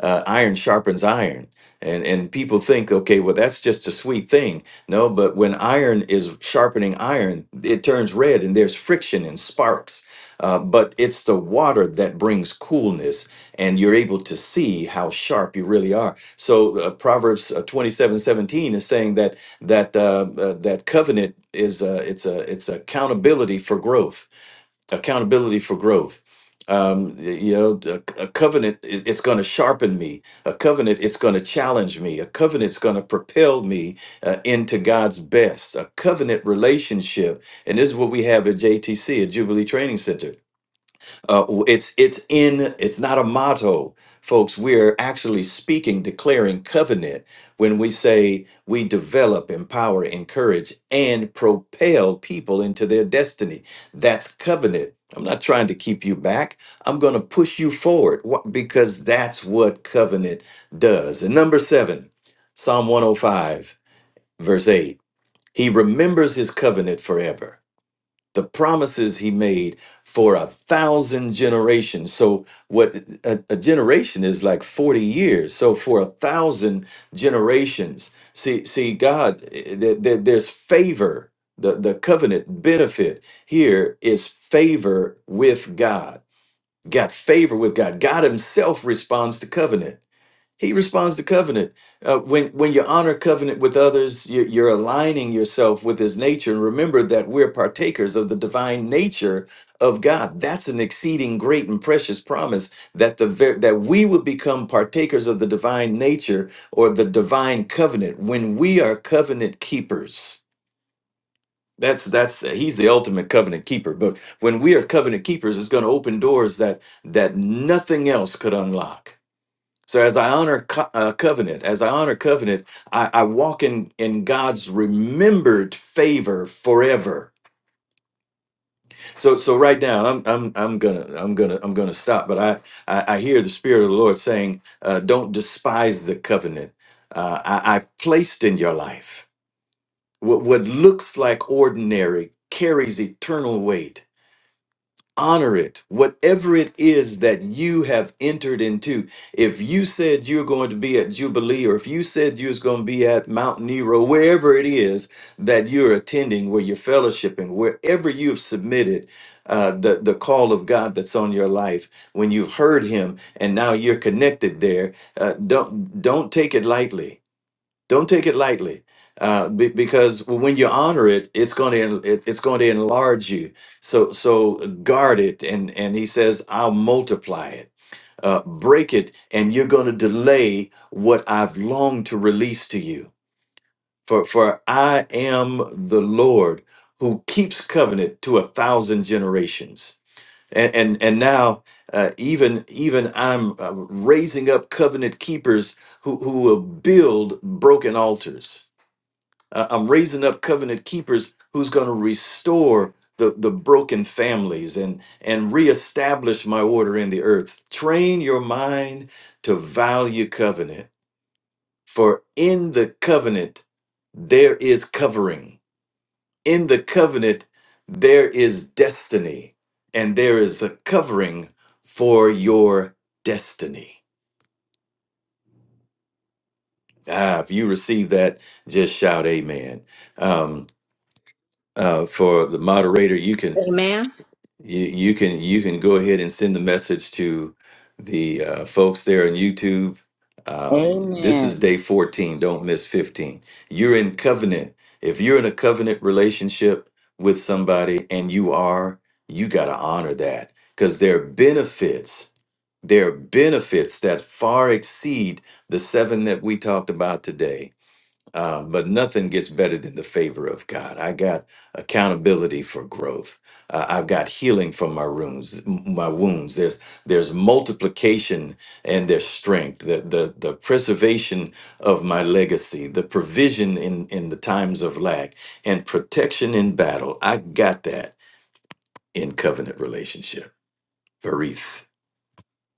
D: uh, iron sharpens iron. And, and people think, okay, well, that's just a sweet thing no, but when iron is sharpening iron, it turns red and there's friction and sparks. Uh, but it's the water that brings coolness, and you're able to see how sharp you really are. So uh, Proverbs uh, 27, seventeen is saying that that uh, uh, that covenant is uh, it's a it's accountability for growth accountability for growth um you know a, a covenant it- it's going to sharpen me a covenant it's going to challenge me a covenant's going to propel me uh, into god's best a covenant relationship and this is what we have at jtc at jubilee training center uh, it's it's in it's not a motto, folks. We're actually speaking, declaring covenant when we say we develop, empower, encourage, and propel people into their destiny. That's covenant. I'm not trying to keep you back. I'm going to push you forward wh- because that's what covenant does. And number seven, Psalm 105, verse 8. He remembers his covenant forever the promises he made for a thousand generations. So, what a, a generation is like 40 years. So, for a thousand generations, see, see, God, eh, there, there- there's favor. The, the covenant benefit here is favor with God. Got favor with God. God Himself responds to covenant. He responds to covenant. Uh, when when you honor covenant with others, you're, you're aligning yourself with His nature. And remember that we're partakers of the divine nature of God. That's an exceeding great and precious promise that the ver- that we would become partakers of the divine nature or the divine covenant when we are covenant keepers. That's that's he's the ultimate covenant keeper. But when we are covenant keepers, it's going to open doors that that nothing else could unlock. So as I honor co- uh, covenant, as I honor covenant, I, I walk in in God's remembered favor forever. So so right now, I'm I'm I'm gonna I'm gonna I'm gonna stop. But I I, I hear the Spirit of the Lord saying, uh, "Don't despise the covenant uh, I, I've placed in your life. What what looks like ordinary carries eternal weight." honor it whatever it is that you have entered into if you said you're going to be at jubilee or if you said you was going to be at mount nero wherever it is that you're attending where you're fellowshipping wherever you've submitted uh, the, the call of god that's on your life when you've heard him and now you're connected there uh, don't don't take it lightly don't take it lightly uh, be, because when you honor it it's going to it, it's going to enlarge you so so guard it and and he says i'll multiply it uh, break it and you're going to delay what i've longed to release to you for for i am the lord who keeps covenant to a thousand generations and and, and now uh, even even i'm uh, raising up covenant keepers who, who will build broken altars uh, I'm raising up covenant keepers who's going to restore the, the broken families and, and reestablish my order in the earth. Train your mind to value covenant, for in the covenant, there is covering. In the covenant, there is destiny, and there is a covering for your destiny. Ah, if you receive that, just shout amen. Um, uh, for the moderator, you can
A: Amen.
D: you you can you can go ahead and send the message to the uh, folks there on YouTube. Um, this is
E: Amen.
D: day 14. Don't miss 15. You're in covenant. If you're in a covenant relationship with somebody and you are, you got to honor that because there are benefits. There are benefits that far exceed the seven that we talked about today uh, but nothing gets better than the favor of God. I got accountability for growth. Uh, I've got healing from my wounds. My wounds. There's there's multiplication and there's strength. The the the preservation of my legacy. The provision in in the times of lack and protection in battle. I got that in covenant relationship. Varith.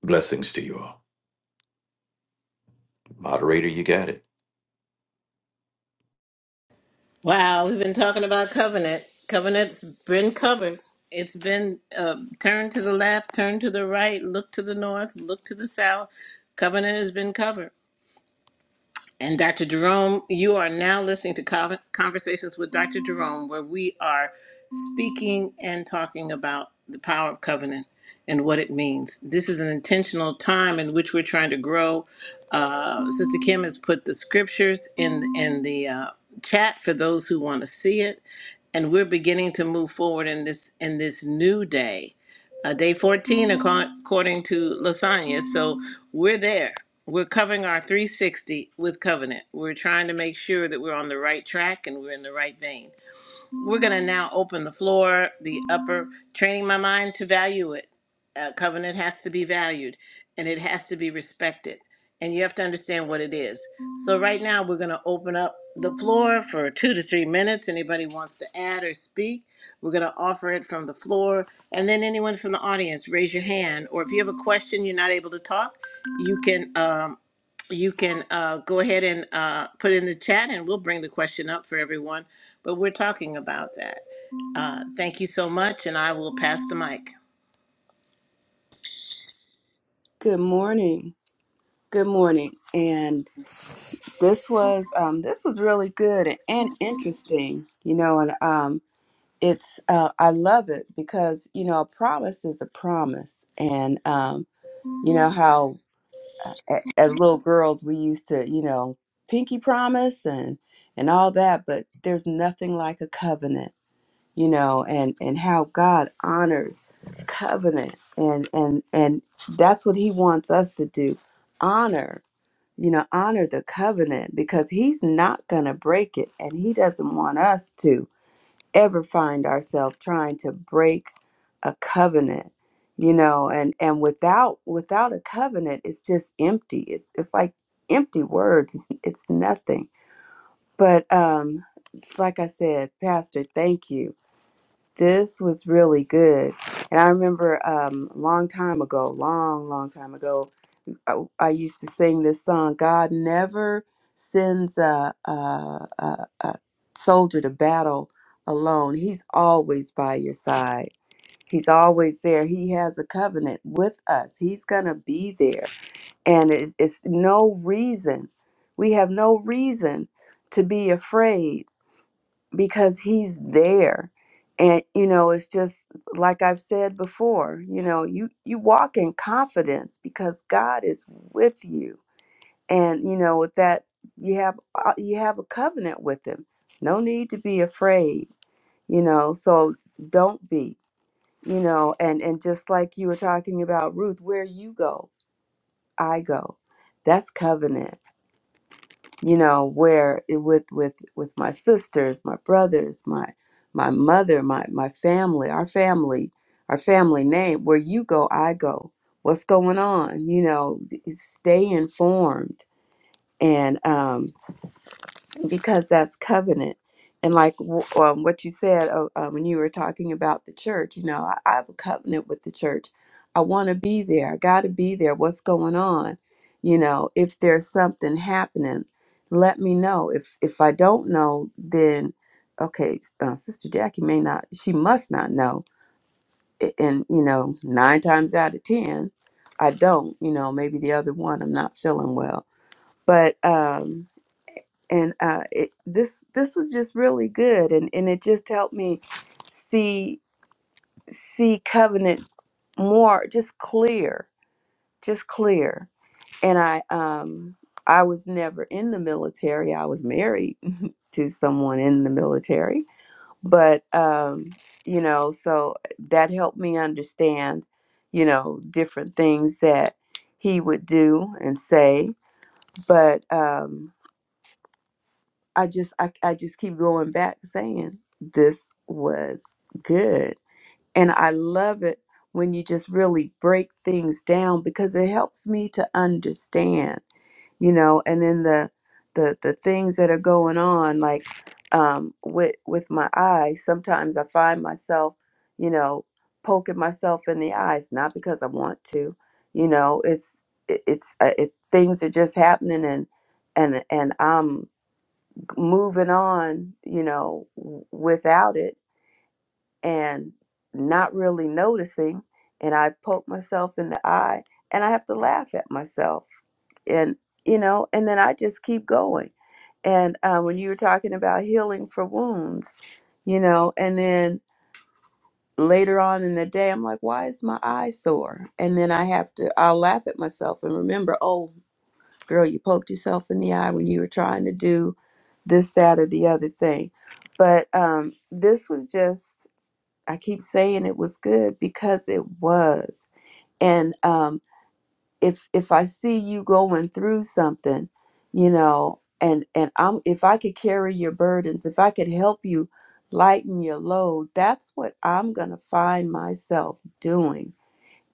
D: Blessings to you all. Moderator, you got it.
A: Wow, we've been talking about covenant. Covenant's been covered. It's been uh, turned to the left, turned to the right, look to the north, look to the south. Covenant has been covered. And Dr. Jerome, you are now listening to Con- Conversations with Dr. Jerome, where we are speaking and talking about the power of covenant and what it means. This is an intentional time in which we're trying to grow. Uh, Sister Kim has put the scriptures in in the uh, chat for those who want to see it, and we're beginning to move forward in this in this new day uh, day 14 acco- according to lasagna so we're there we're covering our 360 with covenant we're trying to make sure that we're on the right track and we're in the right vein we're going to now open the floor, the upper, training my mind to value it. A covenant has to be valued and it has to be respected. And you have to understand what it is. So, right now, we're going to open up the floor for two to three minutes. Anybody wants to add or speak, we're going to offer it from the floor. And then, anyone from the audience, raise your hand. Or if you have a question, you're not able to talk, you can um, you can uh, go ahead and uh, put in the chat and we'll bring the question up for everyone but we're talking about that. Uh, thank you so much, and I will pass the mic.
F: Good morning. Good morning. And this was um, this was really good and, interesting, you know. And um, it's uh, I love it because you know a promise is a promise, and um, you know how uh, a- as little girls we used to you know pinky promise and and all that, but there's nothing like a covenant, you know, and and how God honors covenant, and and and that's what He wants us to do, honor you know, honor the covenant because he's not going to break it. And he doesn't want us to ever find ourselves trying to break a covenant, you know, and, and without, without a covenant, it's just empty. It's, it's like empty words. It's, it's nothing. But, um, like I said, pastor, thank you. This was really good. And I remember, um, a long time ago, long, long time ago, I, I used to sing this song God never sends a, a, a, a soldier to battle alone. He's always by your side. He's always there. He has a covenant with us. He's going to be there. And it's, it's no reason. We have no reason to be afraid because he's there. And you know, it's just like I've said before, you know, you you walk in confidence because God is with you and you know with that you have uh, you have a covenant with him no need to be afraid you know so don't be you know and and just like you were talking about ruth where you go i go that's covenant you know where it, with with with my sisters my brothers my my mother my my family our family our family name where you go i go what's going on you know d- stay informed and um because that's covenant. And like w- um, what you said oh, uh, um, when you were talking about the church, you know, I, I have a covenant with the church. I want to be there. I got to be there. What's going on? You know, if there's something happening, let me know. If if I don't know, then okay, uh, Sister Jackie may not. She must not know. A- And you know, nine times out of ten, I don't. You know, maybe the other one I'm not feeling well, but. um and uh, it, this this was just really good, and and it just helped me see see covenant more just clear, just clear. And I um I was never in the military. I was married to someone in the military, but um you know so that helped me understand you know different things that he would do and say but um I just I, I just keep going back saying this was good. And I love it when you just really break things down because it helps me to understand, you know, and then the the the things that are going on like um with with my eyes, sometimes I find myself, you know, poking myself in the eyes not because I want to. You know, it's it, it's uh, it, things are just happening and and and I'm moving on, you know, w- without it and not really noticing. And I poke myself in the eye and I have to laugh at myself. And, you know, and then I just keep going. And uh, when you were talking about healing for wounds, you know, and then later on in the day, I'm like, why is my eye sore? And then I have to, I'll laugh at myself and remember, oh, girl, you poked yourself in the eye when you were trying to do this, that, or the other thing. But um, this was just, I keep saying it was good because it was. And um, if if I see you going through something, you know, and and I'm if I could carry your burdens, if I could help you lighten your load, that's what I'm gonna find myself doing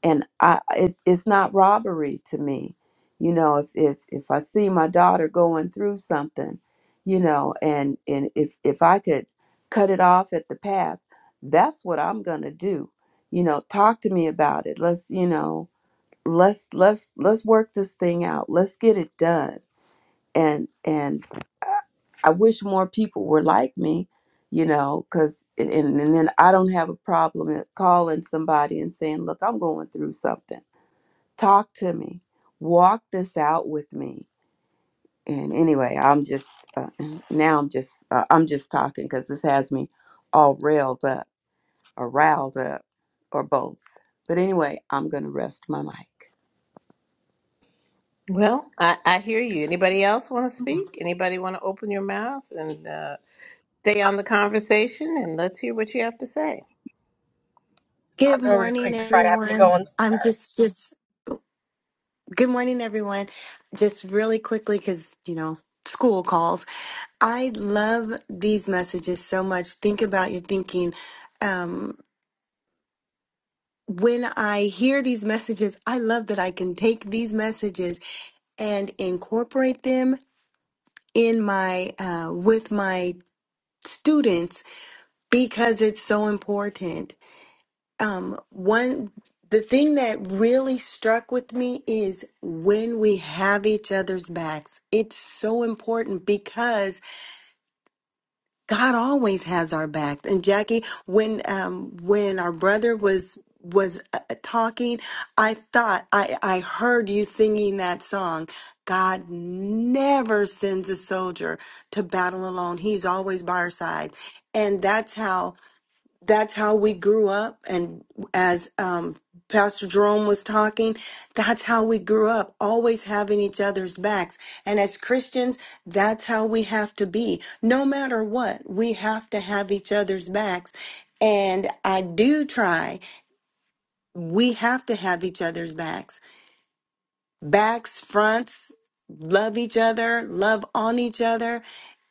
F: and I it, it's not robbery to me. You know, if if if I see my daughter going through something, you know, and and if if I could cut it off at the path, that's what I'm going to do. You know, talk to me about it. Let's, you know, let's let's let's work this thing out. Let's get it done. And and I I wish more people were like me, you know, cuz and and then I don't have a problem at calling somebody and saying, "Look, I'm going through something." talk to me walk this out with me and anyway i'm just uh, now i'm just uh, i'm just talking because this has me all railed up or riled up or both but anyway i'm gonna rest my mic
A: Well, I, I hear you. Anybody else want to speak? Anybody want to open your mouth and uh, stay on the conversation and let's hear what you have to say?
C: Good morning, everyone. I'm just, just, good morning, everyone. Just really quickly, because, you know, school calls. I love these messages so much. Think about your thinking. Um, when I hear these messages, I love that I can take these messages and incorporate them in my uh, with my students because it's so important. Um, one the thing that really struck with me is when we have each other's backs. It's so important because God always has our backs. And Jackie, when um when our brother was was uh, uh, talking, I thought I I heard you singing that song. God never sends a soldier to battle alone. He's always by our side. And that's how that's how we grew up and as um, pastor jerome was talking that's how we grew up always having each other's backs and as christians that's how we have to be no matter what we have to have each other's backs and i do try we have to have each other's backs backs fronts love each other love on each other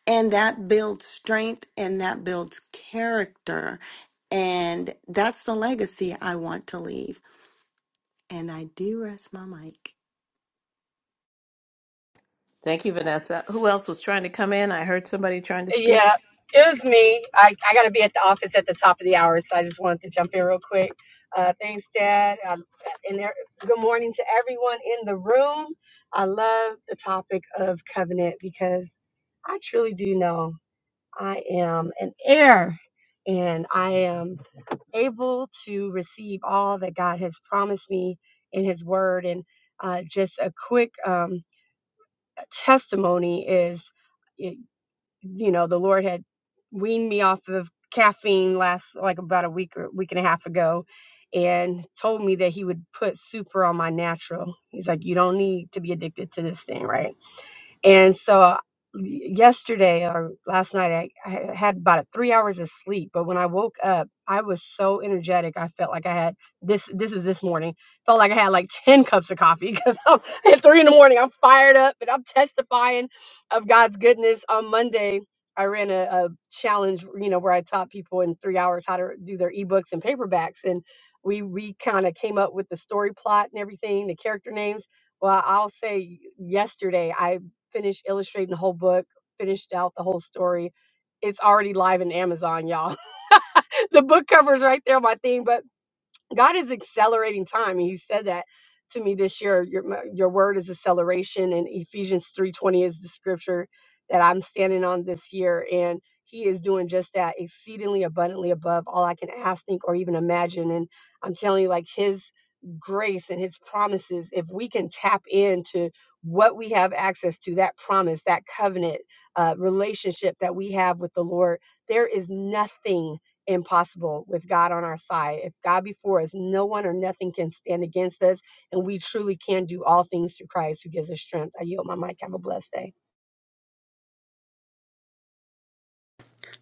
C: and that builds strength and that builds character. And that's the legacy I want to leave. And I do rest my mic.
A: Thank you, Vanessa. Who else was trying to come in? I heard somebody trying to speak.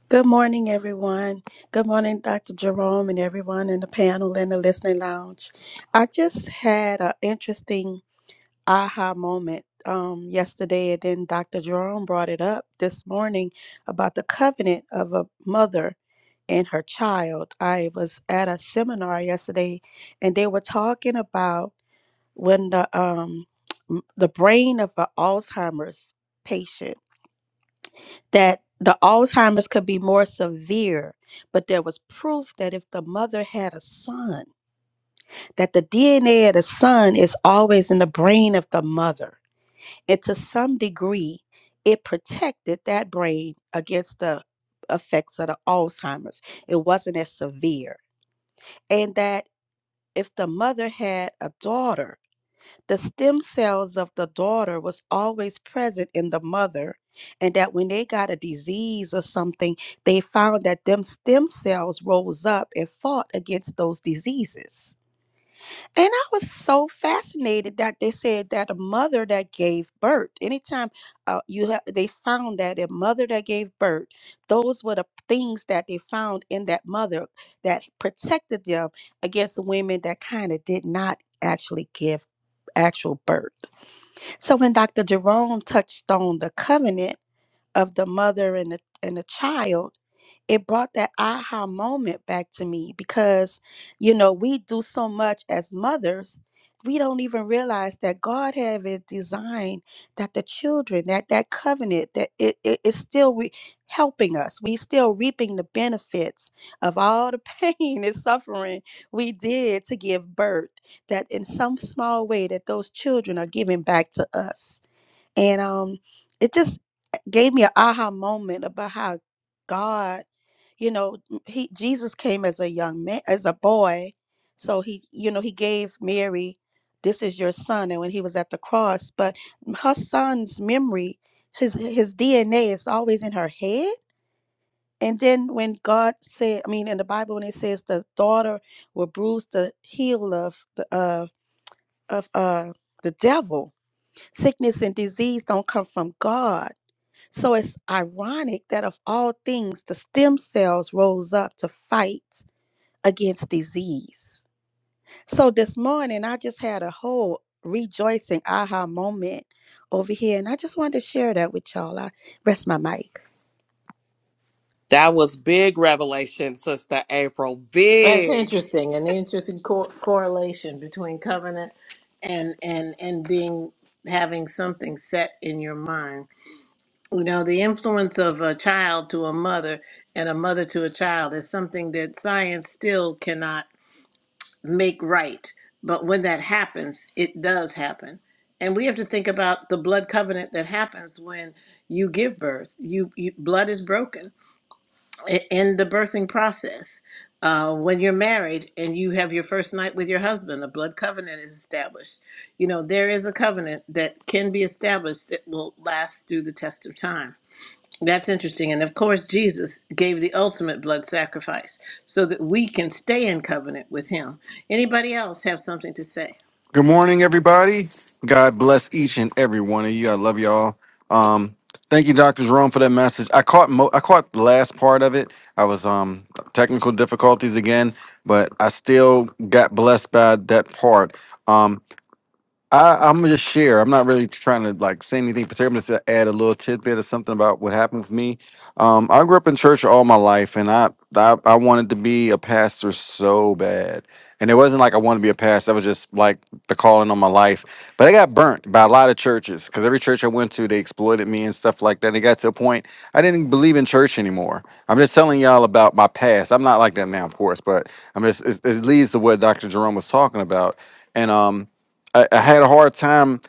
G: Good morning, everyone. Good morning, Dr. Jerome, and everyone in the panel and the listening lounge. I just had an interesting aha moment um, yesterday, and then Dr. Jerome brought it up this morning about the covenant of a mother and her child. I was at a seminar yesterday, and they were talking about when the um, the brain of an Alzheimer's patient that the Alzheimer's could be more severe, but there was proof that if the mother had a son, that the DNA of the son is always in the brain of the mother. And to some degree, it protected that brain against the effects of the Alzheimer's. It wasn't as severe. And that if the mother had a daughter, the stem cells of the daughter was always present in the mother, and that when they got a disease or something, they found that them stem cells rose up and fought against those diseases. And I was so fascinated that they said that a mother that gave birth, anytime uh, you have, they found that a mother that gave birth, those were the things that they found in that mother that protected them against women that kind of did not actually give actual birth. So when Dr. Jerome touched on the covenant, of the mother and the and the child it brought that aha moment back to me because you know we do so much as mothers we don't even realize that god have it designed that the children that that covenant that it is still re- helping us we still reaping the benefits of all the pain and suffering we did to give birth that in some small way that those children are giving back to us and um, it just gave me an aha moment about how God, you know, m- he Jesus came as a young man, as a boy. So he, you know, he gave Mary, this is your son, and when he was at the cross, but her son's memory, his his DNA is always in her head. And then when God said, I mean, in the Bible when it says the daughter will bruise the heel of the of of uh the devil, sickness and disease don't come from God so it's ironic that of all things, the stem cells rose up to fight against disease. So this morning, I just had a whole rejoicing aha moment over here, and I just wanted to share that with y'all. I rest my mic.
B: That was big revelation, Sister April.
A: That's
B: Big.
A: interesting, an interesting co- correlation between covenant and and and being having something set in your mind. You know, the influence of a child to a mother and a mother to a child is something that science still cannot make right. But when that happens, it does happen. And we have to think about the blood covenant that happens when you give birth. You, you blood is broken i- in the birthing process. Uh, when you're married and you have your first night with your husband, a blood covenant is established. You know, there is a covenant that can be established that will last through the test of time. That's interesting. And of course, Jesus gave the ultimate blood sacrifice so that we can stay in covenant with him. Anybody else have something to say?
H: Good morning, everybody. God bless each and every one of you. I love y'all. Um, thank you, Doctor Jerome, for that message. I caught mo- I caught the last part of it. I was um technical difficulties again, but I still got blessed by that part. Um, I, I'm gonna just share. I'm not really trying to like say anything particular. I'm just gonna add a little tidbit or something about what happened with me. Um, I grew up in church all my life, and I, I I wanted to be a pastor so bad. And it wasn't like I wanted to be a pastor. That was just like the calling on my life. But I got burnt by a lot of churches because every church I went to, they exploited me and stuff like that. And it got to a point I didn't believe in church anymore. I'm just telling y'all about my past. I'm not like that now, of course, but I'm just it, it leads to what Dr. Jerome was talking about. And um, I, I had a hard time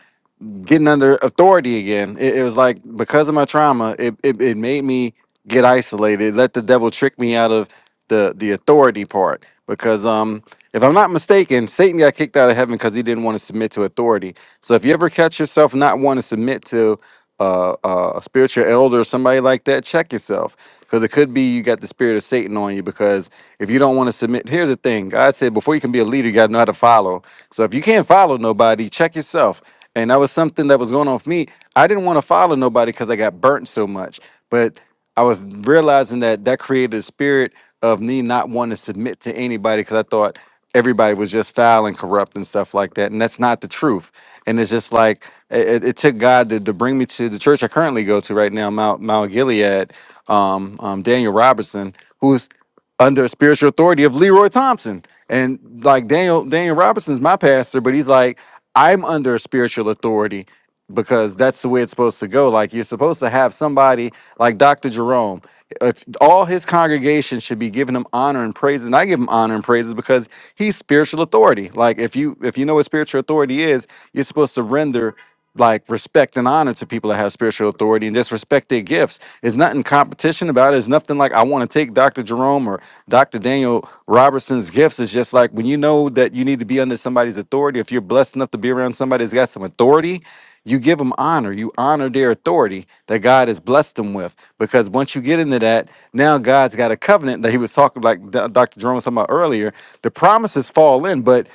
H: getting under authority again. It, it was like because of my trauma, it, it it made me get isolated. It let the devil trick me out of the the authority part. Because um, if I'm not mistaken, Satan got kicked out of heaven because he didn't want to submit to authority. So if you ever catch yourself not wanting to submit to uh, uh, a spiritual elder or somebody like that, check yourself because it could be you got the spirit of Satan on you. Because if you don't want to submit, here's the thing God said before you can be a leader, you got to know how to follow. So if you can't follow nobody, check yourself. And that was something that was going on with me. I didn't want to follow nobody because I got burnt so much. But I was realizing that that created a spirit of me not wanting to submit to anybody because I thought everybody was just foul and corrupt and stuff like that. And that's not the truth. And it's just like it, it it took God to, to bring me to the church I currently go to right now, Mount Mount Gilead. Um, um, Daniel Robertson, who's under spiritual authority of Leroy Thompson. And like Daniel Daniel Robinson's my pastor, but he's like, I'm under spiritual authority because that's the way it's supposed to go. Like you're supposed to have somebody like Dr. Jerome. If all his congregation should be giving him honor and praises, and I give him honor and praises because he's spiritual authority. Like if you if you know what spiritual authority is, you're supposed to render like respect and honor to people that have spiritual authority and just respect their gifts. There's nothing competition about it. It's nothing like I want to take Dr. Jerome or Dr. Daniel Robertson's gifts. It's just like when you know that you need to be under somebody's authority, if you're blessed enough to be around somebody that's got some authority, you give them honor you honor their authority that god has blessed them with because once you get into that now god's got a covenant that he was talking like D- dr jerome was talking about earlier the promises fall in but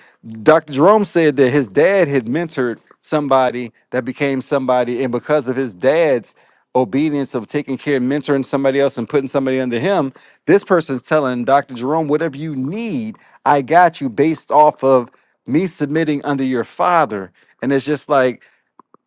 H: dr jerome said that his dad had mentored somebody that became somebody and because of his dad's obedience of taking care of mentoring somebody else and putting somebody under him this person's telling dr jerome whatever you need i got you based off of me submitting under your father and it's just like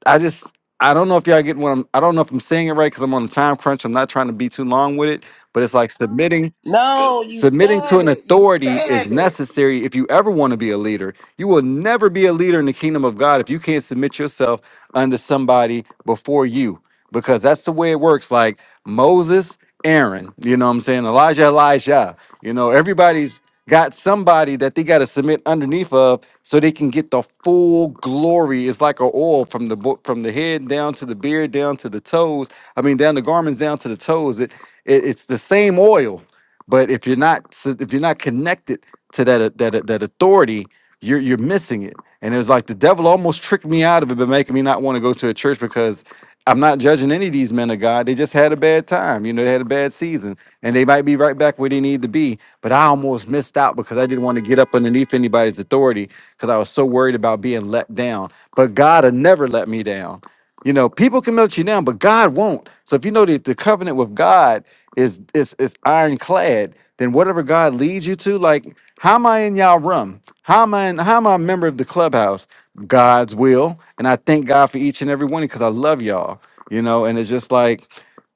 H: I just I don't know if y'all getting what I'm I don't know if I'm saying it right because I'm on a time crunch. I'm not trying to be too long with it, but it's like submitting
B: No, you
H: Submitting to
B: said
H: an
B: it. You
H: authority
B: said
H: is
B: it.
H: necessary if you ever want to be a leader. You will never be a leader in the kingdom of God if you can't submit yourself under somebody before you, because that's the way it works. Like Moses, Aaron, you know what I'm saying? Elijah, Elijah. You know, everybody's got somebody that they got to submit underneath of so they can get the full glory. It's like a oil from the bo- from the head down to the beard, down to the toes. I mean, down the garments, down to the toes. It, it it's the same oil but if you're not so if you're not connected to that uh, that uh, that authority, you're you're missing it. And it was like the devil almost tricked me out of it, by making me not want to go to a church because I'm not judging any of these men of God. They just had a bad time. You know, they had a bad season, and they might be right back where they need to be. But I almost missed out because I didn't want to get up underneath anybody's authority because I was so worried about being let down. But God will never let me down. You know, people can let you down, but God won't. So if you know the, the covenant with God is is is ironclad, then whatever God leads you to, like how am I in y'all room? How am I in, how am I a member of the clubhouse? God's will. And I thank God for each and every one because I love y'all. You know, and it's just like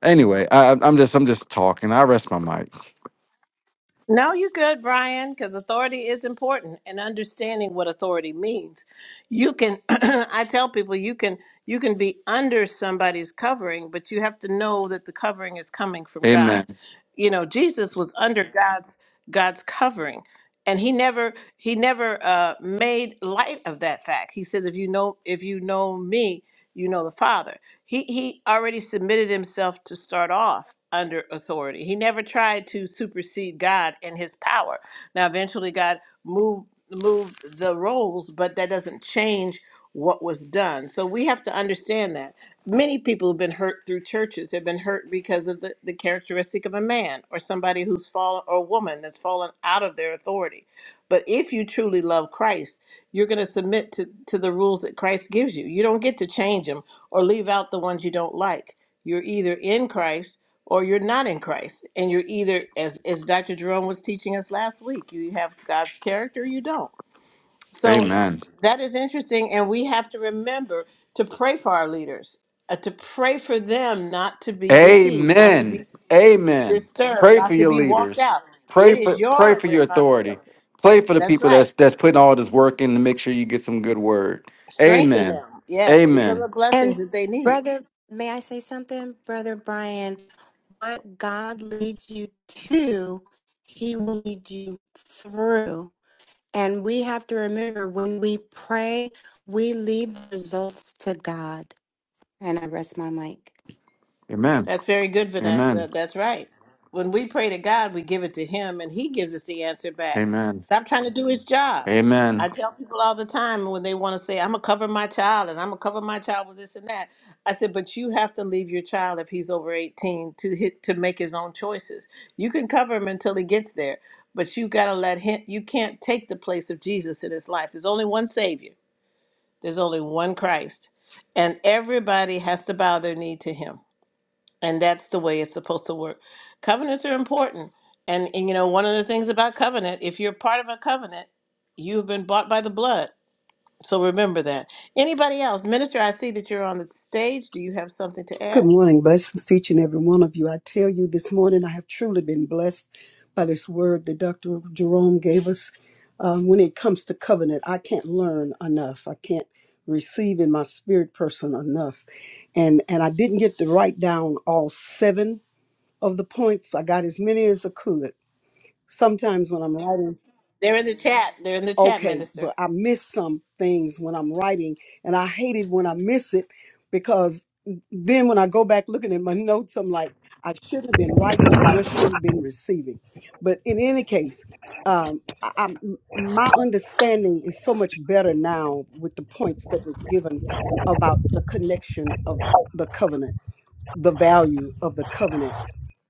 H: anyway, I I'm I'm just I'm just talking. I rest my mic.
A: No, you're good, Brian, because authority is important and understanding what authority means. You can I tell people you can you can be under somebody's covering, but you have to know that the covering is coming from God.
H: Amen.
A: You know, Jesus was under God's God's covering. And he never he never uh, made light of that fact. He says, if you know if you know me, you know the Father. He he already submitted himself to start off under authority. He never tried to supersede God in his power. Now eventually God moved moved the roles, but that doesn't change what was done. So we have to understand that. Many people have been hurt through churches, have been hurt because of the, the characteristic of a man or somebody who's fallen or a woman that's fallen out of their authority. But if you truly love Christ, you're going to submit to, to the rules that Christ gives you. You don't get to change them or leave out the ones you don't like. You're either in Christ or you're not in Christ. And you're either, as, as Dr. Jerome was teaching us last week, you have God's character or you don't. So Amen.
H: Amen.
A: that is interesting. And we have to remember to pray for our leaders, uh, to pray for them not to be deceived, not to be
H: Amen. Amen.
A: disturbed,
H: Pray for
A: not to
H: your
A: be walked
H: leaders.
A: out.
H: Pray
A: It
H: for
A: is
H: pray
A: your
H: for your authority.
A: responsibility.
H: Pray for the
A: That's
H: people
A: right.
H: that's that's putting all this work in to make sure you get some good word.
A: Strengthen
H: Amen.
A: them. Yes. Give them
H: Amen.
A: the blessings
C: And
A: that they need.
C: brother, may I say something? Brother Brian, what God leads you to, he will lead you through. And we have to remember when we pray, we leave results to God. And I rest my mic.
H: Amen.
A: That's very good, Vanessa.
H: Amen.
A: That's right. When we pray to God, we give it to Him and He gives us the answer back.
H: Amen.
A: Stop trying to do His job.
H: Amen.
A: I tell people all the time when they want to say, I'm going to cover my child and I'm going to cover my child with this and that. I said, but you have to leave your child if he's over 18 to hit, to make his own choices. You can cover him until he gets there, but you got to let him, you can't take the place of Jesus in his life. There's only one Savior. There's only one Christ, and everybody has to bow their knee to him. And that's the way it's supposed to work. Covenants are important. And, and you know, one of the things about covenant, if you're part of a covenant, you've been bought by the blood. So remember that. Anybody else? Minister, I see that you're on the stage. Do you have something to
I: Good
A: add?
I: morning. Blessings to each and every one of you. I tell you, this morning I have truly been blessed by this word that Dr. Jerome gave us. Um, when it comes to covenant, I can't learn enough. I can't receive in my spirit person enough. And and I didn't get to write down all seven of the points. I got as many as I could. Sometimes when I'm writing
A: They're in the chat. They're in the chat,
I: okay,
A: Minister.
I: but I miss some things when I'm writing, and I hate it when I miss it because then when I go back looking at my notes, I'm like, I should have been writing, I just should have been receiving. But in any case, um, I, I'm, my understanding is so much better now with the points that was given about the connection of the covenant, the value of the covenant,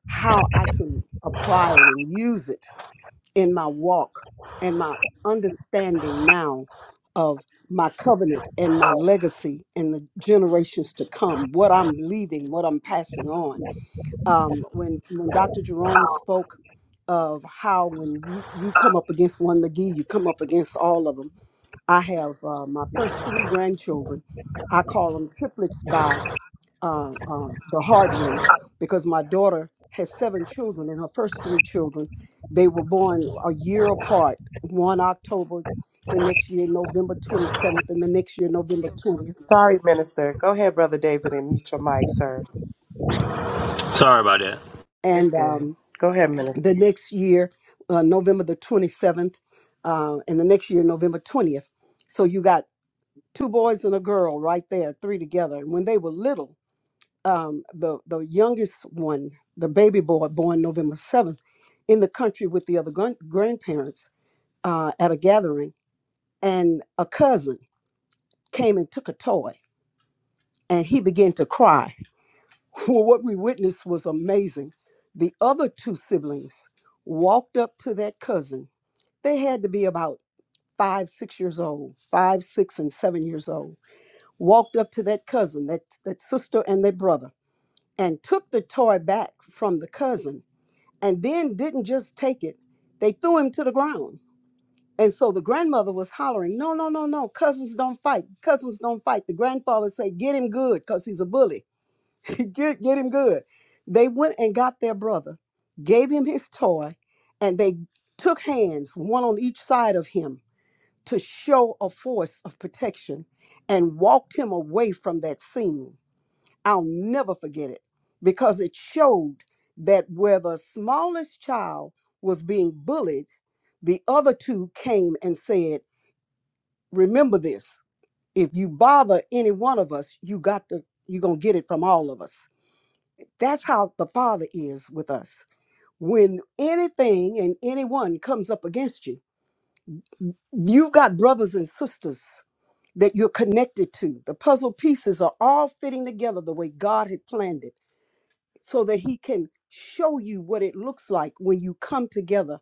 I: how I can apply it and use it in my walk and my understanding now of my covenant and my legacy and the generations to come, what I'm leaving, what I'm passing on. Um, when when Dr. Jerome spoke of how when you you come up against one McGee, you come up against all of them. I have uh, my first three grandchildren. I call them triplets by uh, um, the hard way because my daughter has seven children, and her first three children, they were born a year apart. One October, the next year November 27th, and the next year November 20th,
B: Sorry, Minister. Go ahead, Brother David, and mute your mic, sir.
J: Sorry about that.
B: It's
I: and
B: good.
I: um,
B: Go ahead, Minister.
I: the next year uh, November the 27th, uh, and the next year November 20th. So you got two boys and a girl right there, three together. And when they were little um, the the youngest one, the baby boy born November seventh, in the country with the other gran- grandparents uh, at a gathering, and a cousin came and took a toy, and he began to cry. Well, what we witnessed was amazing. The other two siblings walked up to that cousin. They had to be about five, six years old, five, six, and seven years old. Walked up to that cousin, that that sister, and their brother, and took the toy back from the cousin and then didn't just take it. They threw him to the ground. And so the grandmother was hollering, No, no, no, no, cousins don't fight. Cousins don't fight. The grandfather said, Get him good, because he's a bully. get, get him good. They went and got their brother, gave him his toy, and they took hands, one on each side of him, to show a force of protection and walked him away from that scene I'll never forget it because it showed that where the smallest child was being bullied, the other two came and said, Remember this. If you bother any one of us, you got to, you're going to get it from all of us. That's how the Father is with us. When anything and anyone comes up against you, you've got brothers and sisters that you're connected to. The puzzle pieces are all fitting together the way God had planned it so that he can show you what it looks like when you come together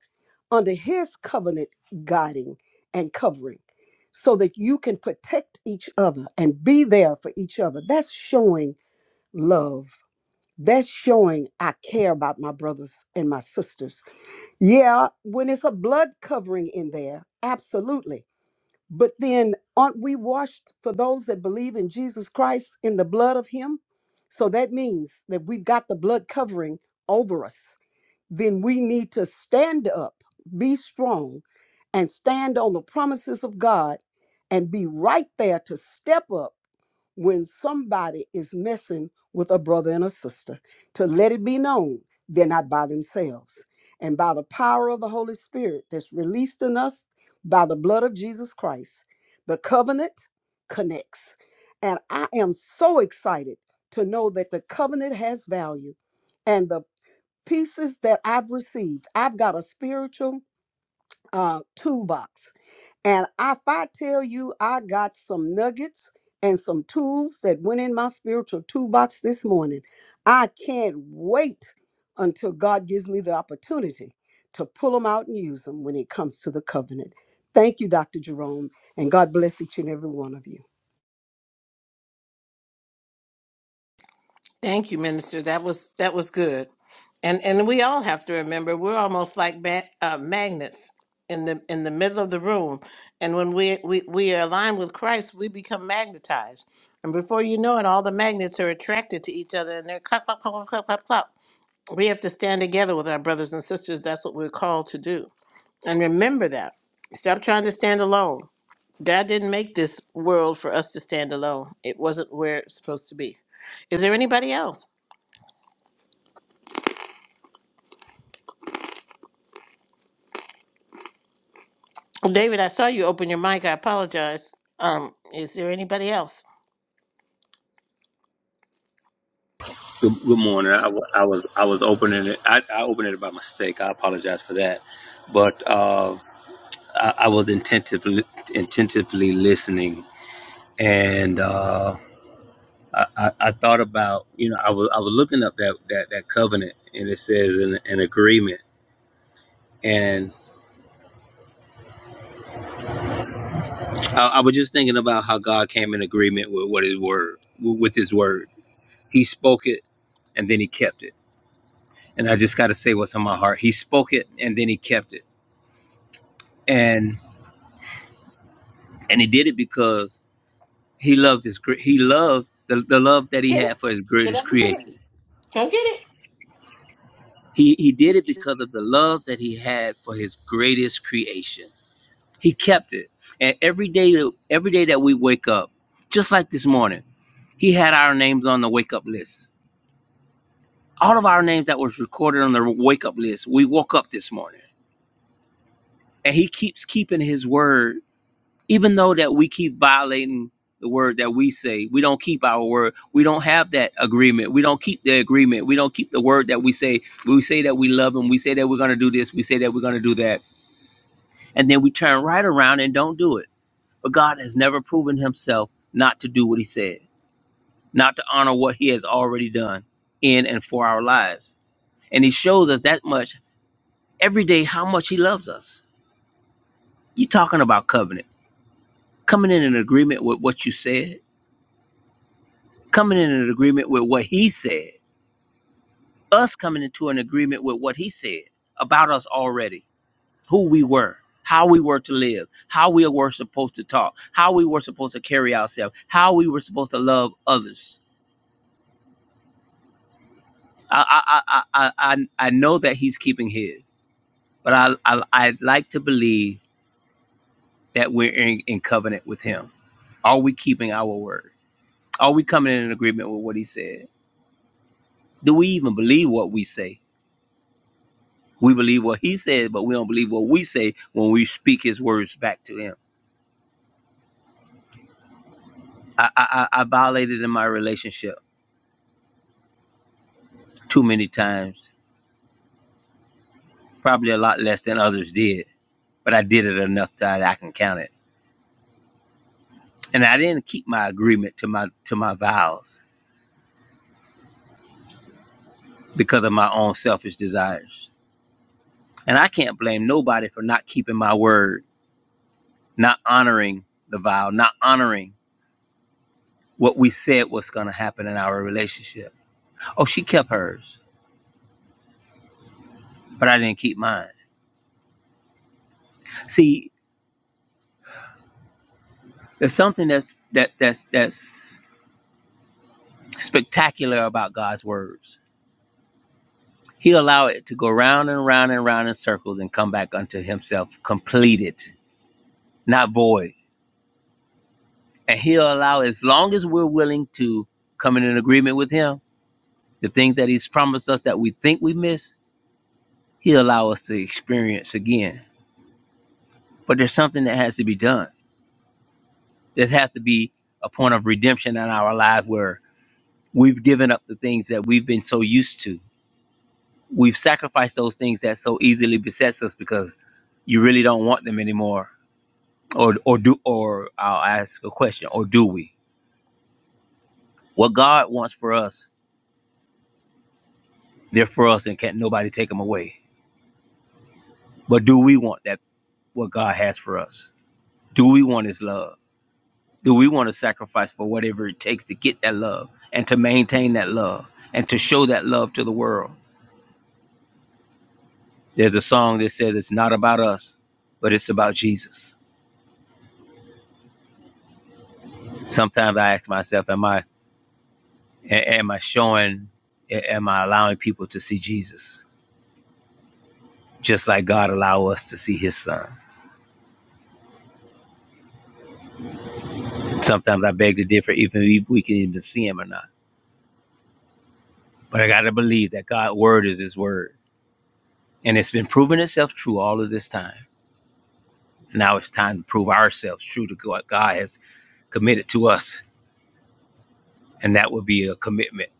I: under his covenant guiding and covering so that you can protect each other and be there for each other that's showing love that's showing i care about my brothers and my sisters yeah when it's a blood covering in there absolutely but then aren't we washed for those that believe in Jesus Christ in the blood of him? So that means that we've got the blood covering over us then we need to stand up, be strong, and stand on the promises of God and be right there to step up when somebody is messing with a brother and a sister, to let it be known they're not by themselves. And by the power of the Holy Spirit that's released in us by the blood of Jesus Christ, the covenant connects. And I am so excited to know that the covenant has value and the pieces that I've received. I've got a spiritual uh, toolbox. And if I tell you I got some nuggets and some tools that went in my spiritual toolbox this morning, I can't wait until God gives me the opportunity to pull them out and use them when it comes to the covenant. Thank you, Dr. Jerome, and God bless each and every one of you.
A: Thank you, Minister. That was that was good, and and we all have to remember we're almost like ba- uh, magnets in the in the middle of the room, and when we, we we are aligned with Christ, we become magnetized, and before you know it, all the magnets are attracted to each other, and they're clap clap clap clap clap clap. clap. We have to stand together with our brothers and sisters. That's what we're called to do, and remember that. Stop trying to stand alone. God didn't make this world for us to stand alone. It wasn't where it's supposed to be. Is there anybody else? Well, David, I saw you open your mic. I apologize. Um, is there anybody else?
J: Good, good morning. I, wa- I was I was opening it. I, I opened it by mistake. I apologize for that. But uh, I, I was intentively intentively listening, and uh, I, I, I thought about you know I was I was looking up that that, that covenant, and it says an, an agreement, and I, I was just thinking about how God came in agreement with what His word with His word. He spoke it, and then He kept it. And I just got to say what's on my heart. He spoke it, and then He kept it. and he did it because he loved his cre- he loved the, the love that he
A: Get it.
J: had for his
A: Did I
J: greatest
A: get it?
J: creation
A: Go get
J: he he did it
A: it.
J: because of the love that he had for his greatest creation he kept it and every day every day that we wake up just like this morning he had our names on the wake up list all of our names that was recorded on the wake up list we woke up this morning and he keeps keeping his word even though that we keep violating the word that we say we don't keep our word we don't have that agreement we don't keep the agreement we don't keep the word that we say we say that we love him we say that we're going to do this we say that we're going to do that and then we turn right around and don't do it but god has never proven himself not to do what he said not to honor what he has already done in and for our lives and he shows us that much every day how much he loves us you talking about covenant coming in an agreement with what you said coming in an agreement with what he said, us coming into an agreement with what he said about us already, who we were, how we were to live, how we were supposed to talk, how we were supposed to carry ourselves, how we were supposed to love others. I I I I I, I know that he's keeping his, but I, I I like to believe that we're in, in covenant with him. Are we keeping our word? Are we coming in an agreement with what he said? Do we even believe what we say? We believe what he says, but we don't believe what we say when we speak his words back to him. I, I, I I violated in my relationship too many times, probably a lot less than others did, but I did it enough that I can count it. And I didn't keep my agreement to my to my vows because of my own selfish desires. And I can't blame nobody for not keeping my word, not honoring the vow, not honoring what we said was going to happen in our relationship. Oh, she kept hers, but I didn't keep mine. See, There's something that's that that's that's spectacular about God's words. He allow it to go round and round and round in circles and come back unto himself completed, not void. And he'll allow as long as we're willing to come in an agreement with him, the things that he's promised us that we think we miss, he'll allow us to experience again. But there's something that has to be done. There has to be a point of redemption in our lives where we've given up the things that we've been so used to we've sacrificed those things that so easily besets us because you really don't want them anymore or or do or I'll ask a question or do we what God wants for us they're for us and can't nobody take them away but do we want that what God has for us do we want his love do we want to sacrifice for whatever it takes to get that love and to maintain that love and to show that love to the world there's a song that says it's not about us but it's about Jesus sometimes I ask myself am I A- am I showing? a- Am I allowing people to see Jesus, just like God allow us to see His Son? Sometimes I beg to differ, even if we can even see Him or not. But I got to believe that God's word is His word, and it's been proving itself true all of this time. Now it's time to prove ourselves true to what God has committed to us, and that would be a commitment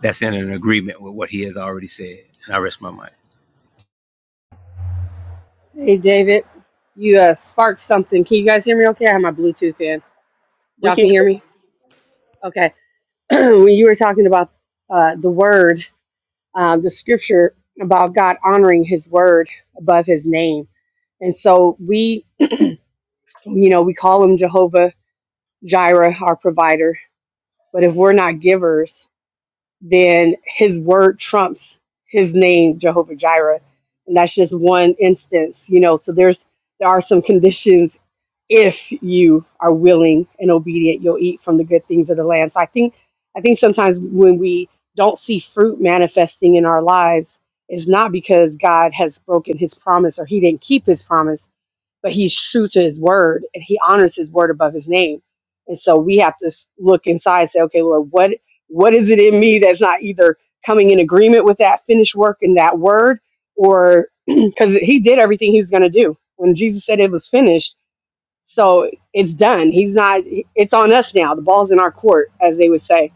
J: that's in an agreement with what He has already said. And I rest my mind.
B: We can
K: manifesting in our lives is not because God has broken his promise or he didn't keep his promise, but he's true to his word and he honors his word above his name. And so we have to s- look inside and say, okay, Lord, what what is it in me that's not either coming in agreement with that finished work and that word or because he did everything he's going to do when Jesus said it was finished. So it's done. He's not, it's on us now. The ball's in our court, as they would say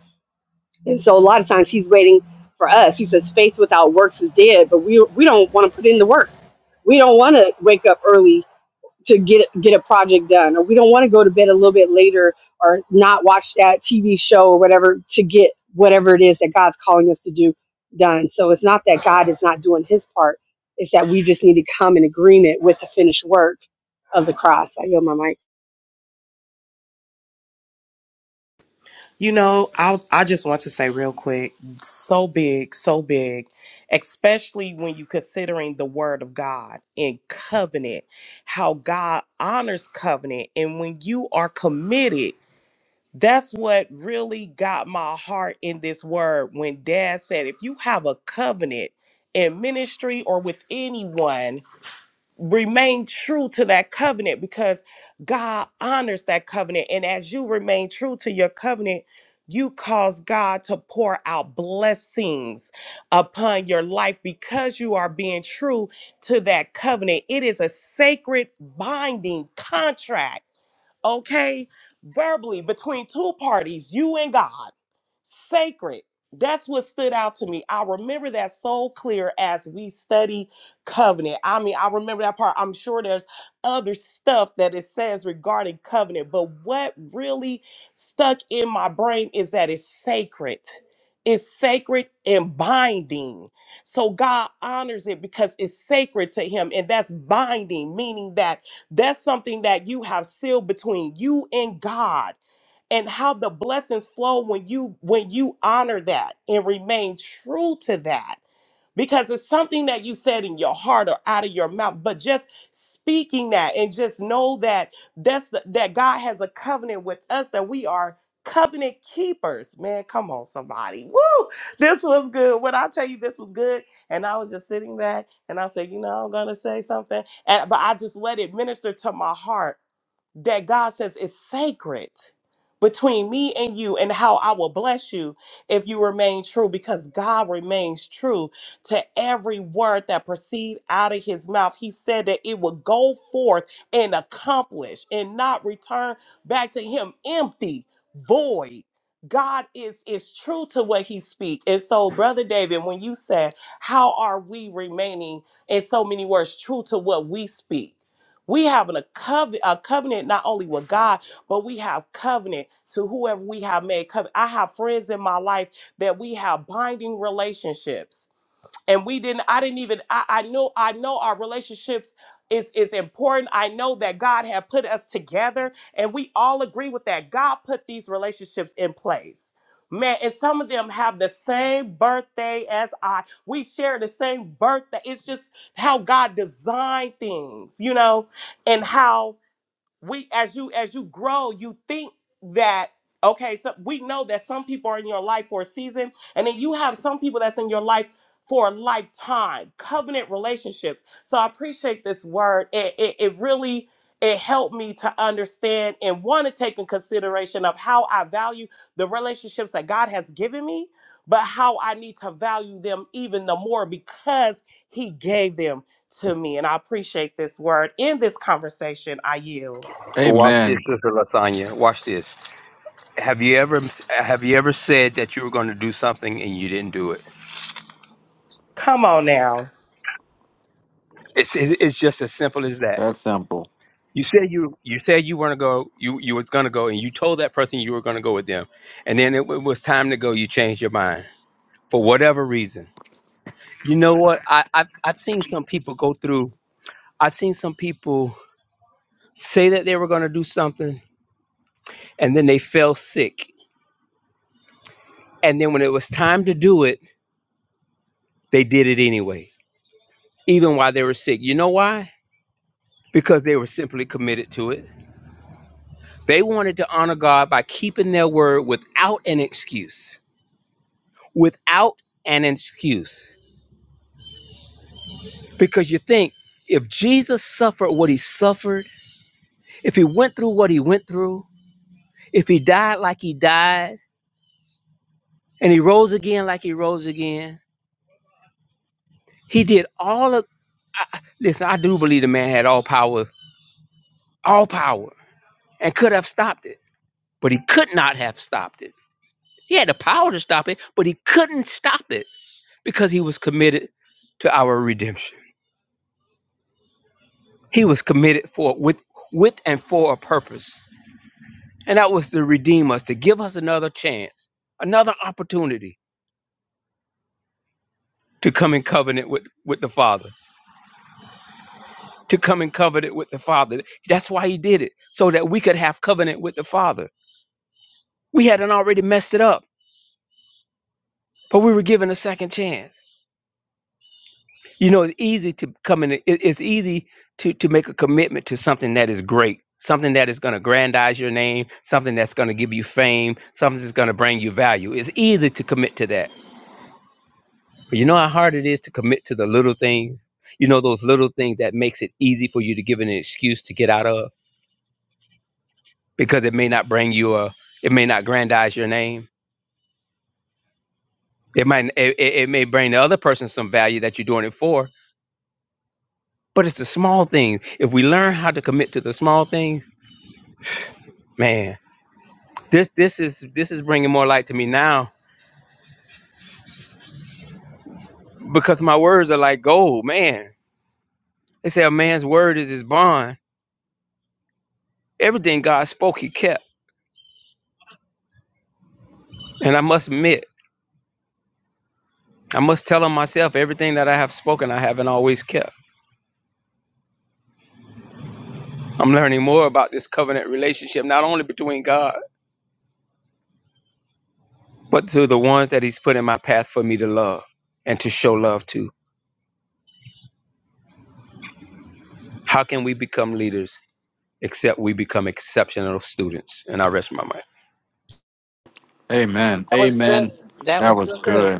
B: You know, I I just want to say real quick, so big, so big, especially when you considering the word of God in covenant, how God honors covenant and when you are committed, that's what really got my heart in this word when dad said if you have a covenant in ministry or with anyone remain true to that covenant because God honors that covenant. And as you remain true to your covenant, you cause God to pour out blessings upon your life because you are being true to that covenant. It is a sacred binding contract okay? Verbally, between two parties, you and God, sacred. That's what stood out to me. I remember that so clear as we study covenant. I mean, I remember that part. I'm sure there's other stuff that it says regarding covenant, but what really stuck in my brain is that it's sacred. It's sacred and binding. So God honors it because it's sacred to Him, and that's binding, meaning that that's something that you have sealed between you and God and how the blessings flow when you when you honor that and remain true to that because it's something that you said in your heart or out of your mouth but just speaking that and just know that that's the, that god has a covenant with us that we are covenant keepers man come on somebody woo this was good when i tell you this was good and i was just sitting back and i said you know i'm gonna say something and but i just let it minister to my heart that God says is sacred between me and you and how I will bless you if you remain true because God remains true to every word that proceed out of his mouth. He said that it would go forth and accomplish and not return back to him empty, void. God is is true to what he speak. And so brother David, when you said, how are we remaining in so many words true to what we speak? We have a, cove- a covenant not only with God, but we have covenant to whoever we have made covenant. I have friends in my life that we have binding relationships and we didn't i didn't even i, I know i know our relationships is is important i know that god had put us together and we all agree with that god put these relationships in place man and some of them have the same birthday as i we share the same birthday it's just how god designed things you know and how we as you as you grow you think that okay so we know that some people are in your life for a season and then you have some people that's in your life for a lifetime covenant relationships so i appreciate this word it, it, it really it helped me to understand and want to take in consideration of how i value the relationships that god has given me but how i need to value them even the more because he gave them to me and i appreciate this word in this conversation i yield
J: Watch this,
H: Amen.
J: Sister Lasagna. Watch this. Have you ever have you ever said that you were going to do something and you didn't do it?
B: Come on now.
J: It's it's it's just as simple as that.
H: That's simple.
J: You said you you said you want to go you you was going to go and you told that person you were going to go with them, and then it, w- was time to go. You changed your mind for whatever reason. You know what? I I've, I've seen some people go through. I've seen some people say that they were going to do something and then they fell sick, and then when it was time to do it, they did it anyway, even while they were sick. You know why? Because they were simply committed to it They wanted to honor God by keeping their word without an excuse. Without an excuse. Because you think if Jesus suffered what he suffered, if he went through what he went through, if he died like he died, and he rose again like he rose again, he did all of. I, I- listen, I do believe the man had all power, all power, and could have stopped it, but he could not have stopped it. He had the power to stop it, but he couldn't stop it because he was committed to our redemption. He was committed for with with and for a purpose. And that was to redeem us, to give us another chance, another opportunity to come in covenant with, with the Father. To come in covenant with the Father. That's why he did it, so that we could have covenant with the Father. We hadn't already messed it up, but we were given a second chance. you know it's easy to come in it, it's easy to to make a commitment to something that is great something that is going to grandize your name something that's going to give you fame something that's going to bring you value it's easy to commit to that but you know how hard it is to commit to the little things you know those little things that makes it easy for you to give an excuse to get out of because it may not bring you a it may not grandize your name it might it, it it may bring the other person some value that you're doing it for but it's the small things if we learn how to commit to the small things man This this is this is bringing more light to me now because my words are like gold, man. They say a man's word is his bond. Everything God spoke, He kept, and I must admit, I must tell him myself everything that I have spoken, I haven't always kept. I'm learning more about this covenant relationship, not only between God, but to the ones that He's put in my path for me to love and to show love to. How can we become leaders except we become exceptional students? And I rest my mind.
H: Amen.
A: That was good.
H: Amen.
A: That
H: That
A: was
H: was
A: real good.
H: good.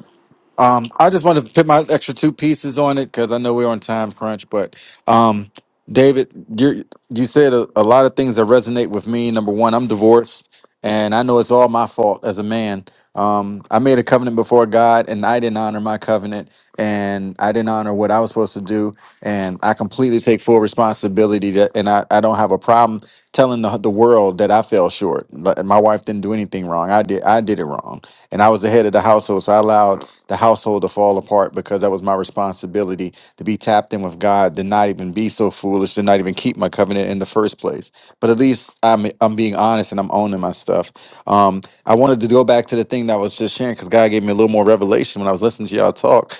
H: Um, I just wanted to put my extra two pieces on it because I know we're on time crunch. But um, David, you you said a, a lot of things that resonate with me. Number one, I'm divorced, and I know it's all my fault as a man. Um, I made a covenant before God, and I didn't honor my covenant, and I didn't honor what I was supposed to do, and I completely take full responsibility. That, and I, I don't have a problem telling the, the world that I fell short. But My wife didn't do didn't do anything wrong. I did I did it wrong. And I was the head of the household, so I allowed the household to fall apart because that was my responsibility to be tapped in with God, to not even be so foolish, to not even keep my covenant in the first place. But at least I'm I'm being honest and I'm owning my stuff. Um, I wanted to go back to the thing that I was just sharing because God gave me a little more revelation when I was listening to y'all talk.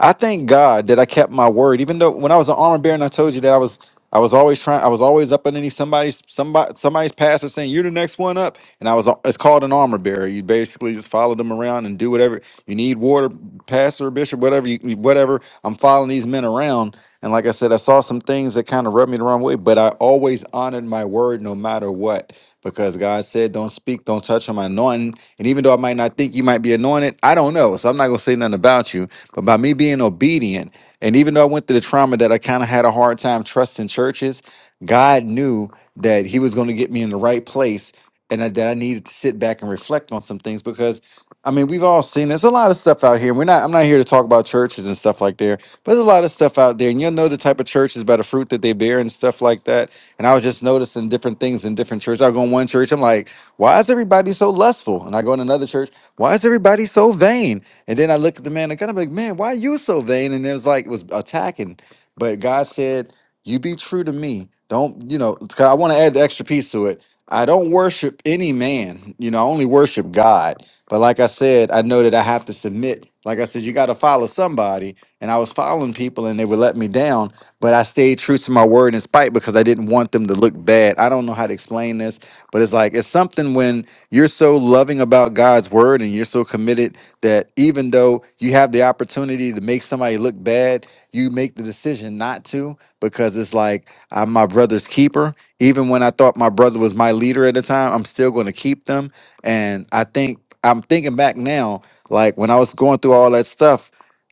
H: I thank God that I kept my word, even though when I was an armor bearer and I told you that I was I was always trying I was always up underneath somebody's somebody somebody's pastor saying you're the next one up, and I was a- it's called an armor bearer. You basically just follow them around and do whatever you need, water pastor, bishop, whatever you you- whatever. I'm following these men around, and like I said, I saw some things that kind of rubbed me the wrong way, but I always honored my word no matter what because God said, Don't speak, don't touch on my anointing. And even though I might not think you might be anointed, I don't know. So I'm not going to say nothing about you. But by me being obedient, and even though I went through the trauma that I kind of had a hard time trusting churches, God knew that He was going to get me in the right place and that that I needed to sit back and reflect on some things because. I mean, we've all seen there's a lot of stuff out here. We're not I'm not here to talk about churches and stuff like there, but there's a lot of stuff out there, and you'll know the type of churches by the fruit that they bear and stuff like that. And I was just noticing different things in different churches. I go in one church, I'm like, why is everybody so lustful? And I go in another church, why is everybody so vain? And then I look at the man, I kind of like, man, why are you so vain? And it was like, it was attacking. But God said, you be true to me. Don't, you know, 'cause I want to add the extra piece to it. I don't worship any man, you know, I only worship God. But like I said, I know that I have to submit. Like I said, you got to follow somebody. And I was following people and they would let me down but I stayed true to my word in spite because I didn't want them to look bad. I don't know how to explain this, but it's like it's something when you're so loving about God's word and you're so committed that even though you have the opportunity to make somebody look bad, you make the decision not to because it's like I'm my brother's keeper. Even when I thought my brother was my leader at the time, I'm still going to keep them. And I think I'm thinking back now, like when I was going through all that stuff.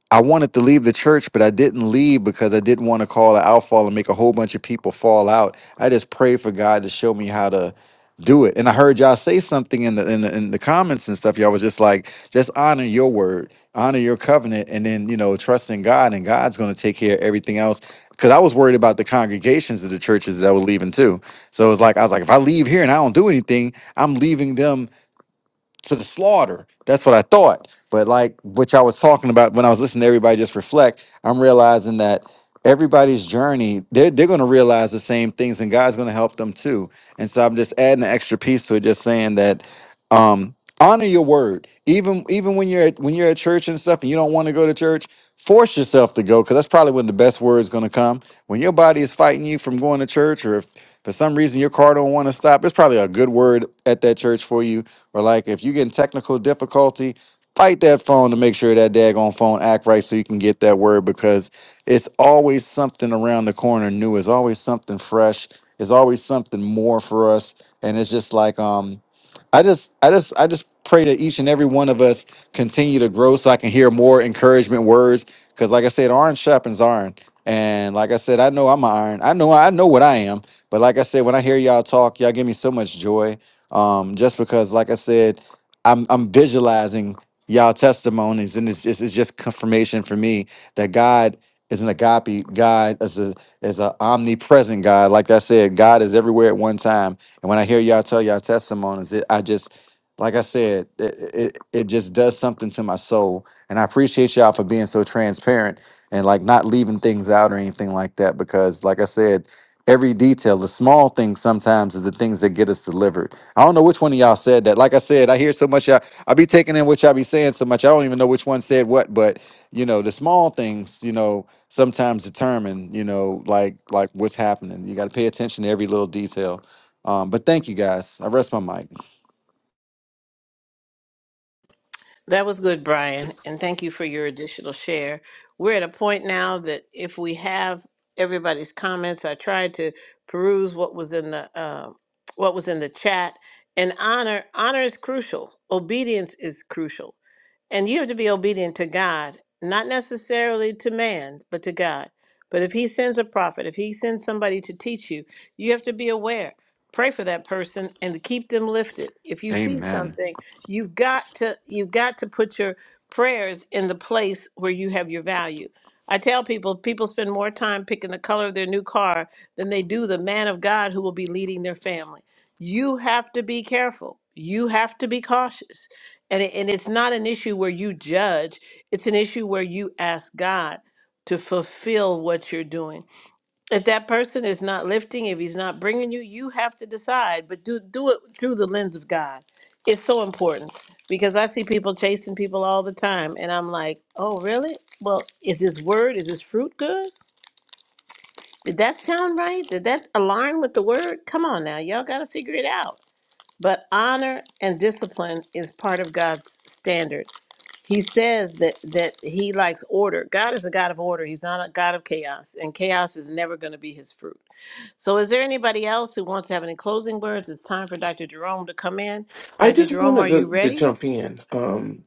H: I wanted to leave the church, but I didn't leave because I didn't want to call an outfall and make a whole bunch of people fall out. I just prayed for God to show me how to do it. And I heard y'all say something in the in the, in the comments and stuff. Y'all was just like, just honor your word, honor your covenant, and then you know, trust in God, and God's going to take care of everything else. Because I was worried about the congregations of the churches that were leaving too. So it was like I was like, if I leave here and I don't do anything, I'm leaving them to the slaughter. That's what I thought. But like which I was talking about when I was listening to everybody just reflect, I'm realizing that everybody's journey, they're they're gonna realize the same things and God's gonna help them too. And so I'm just adding an extra piece to it, just saying that um honor your word even even when you're at when you're at church and stuff and you don't want to go to church force yourself to go because that's probably when the best word is going to come when your body is fighting you from going to church or if for some reason your car don't want to stop it's probably a good word at that church for you or like if you're getting technical difficulty fight that phone to make sure that daggone phone act right so you can get that word because it's always something around the corner new it's always something fresh it's always something more for us and it's just like um I just, I just, I just pray that each and every one of us continue to grow, so I can hear more encouragement words. Because, like I said, iron sharpens iron, and like I said, I know I'm an iron. I know, I know what I am. But like I said, when I hear y'all talk, y'all give me so much joy. Um, just because, like I said, I'm, I'm visualizing y'all testimonies, and it's just, it's just confirmation for me that God is an agape God, is a, is an omnipresent God. Like I said, God is everywhere at one time and when I hear y'all tell y'all testimonies, it I just like I said, it, it it just does something to my soul. And I appreciate y'all for being so transparent and like not leaving things out or anything like that. Because like I said, every detail, the small things sometimes is the things that get us delivered. I don't know which one of y'all said that. Like I said, I hear so much y'all I be taking in what y'all be saying so much. I don't even know which one said what, but you know, the small things, you know, sometimes determine, you know, like like what's happening. You gotta pay attention to every little detail. Um, but thank you guys. I rest my mic.
A: That was good, Brian, and thank you for your additional share. We're at a point now that if we have everybody's comments, I tried to peruse what was in the uh, what was in the chat. And honor honor is crucial. Obedience is crucial. And you have to be obedient to God, not necessarily to man, but to God. But if he sends a prophet, if he sends somebody to teach you, you have to be aware. Pray for that person and to keep them lifted. If you see Mhm.
H: Amen.
A: something, you've got to you've got to put your prayers in the place where you have your value. I tell people people spend more time picking the color of their new car than they do the man of God who will be leading their family. You have to be careful. You have to be cautious and, it, and it's not an issue where you judge, it's an issue where you ask God to fulfill what you're doing. If that person is not lifting, if he's not bringing you, you have to decide, but do, do it through the lens of God. It's so important because I see people chasing people all the time, and I'm like, oh, really? Well, is this word, is this fruit good? Did that sound right? Did that align with the word? Come on now, y'all got to figure it out. But honor and discipline is part of God's standard he says that that he likes order. God is a God of order. He's not a God of chaos, and chaos is never going to be his fruit. So, is there anybody else who wants to have any closing words? It's time for Dr. Jerome to come in.
L: I
A: Dr.
L: just
A: Jerome,
L: wanted
A: are you
L: to, to
A: ready?
L: jump in. Um,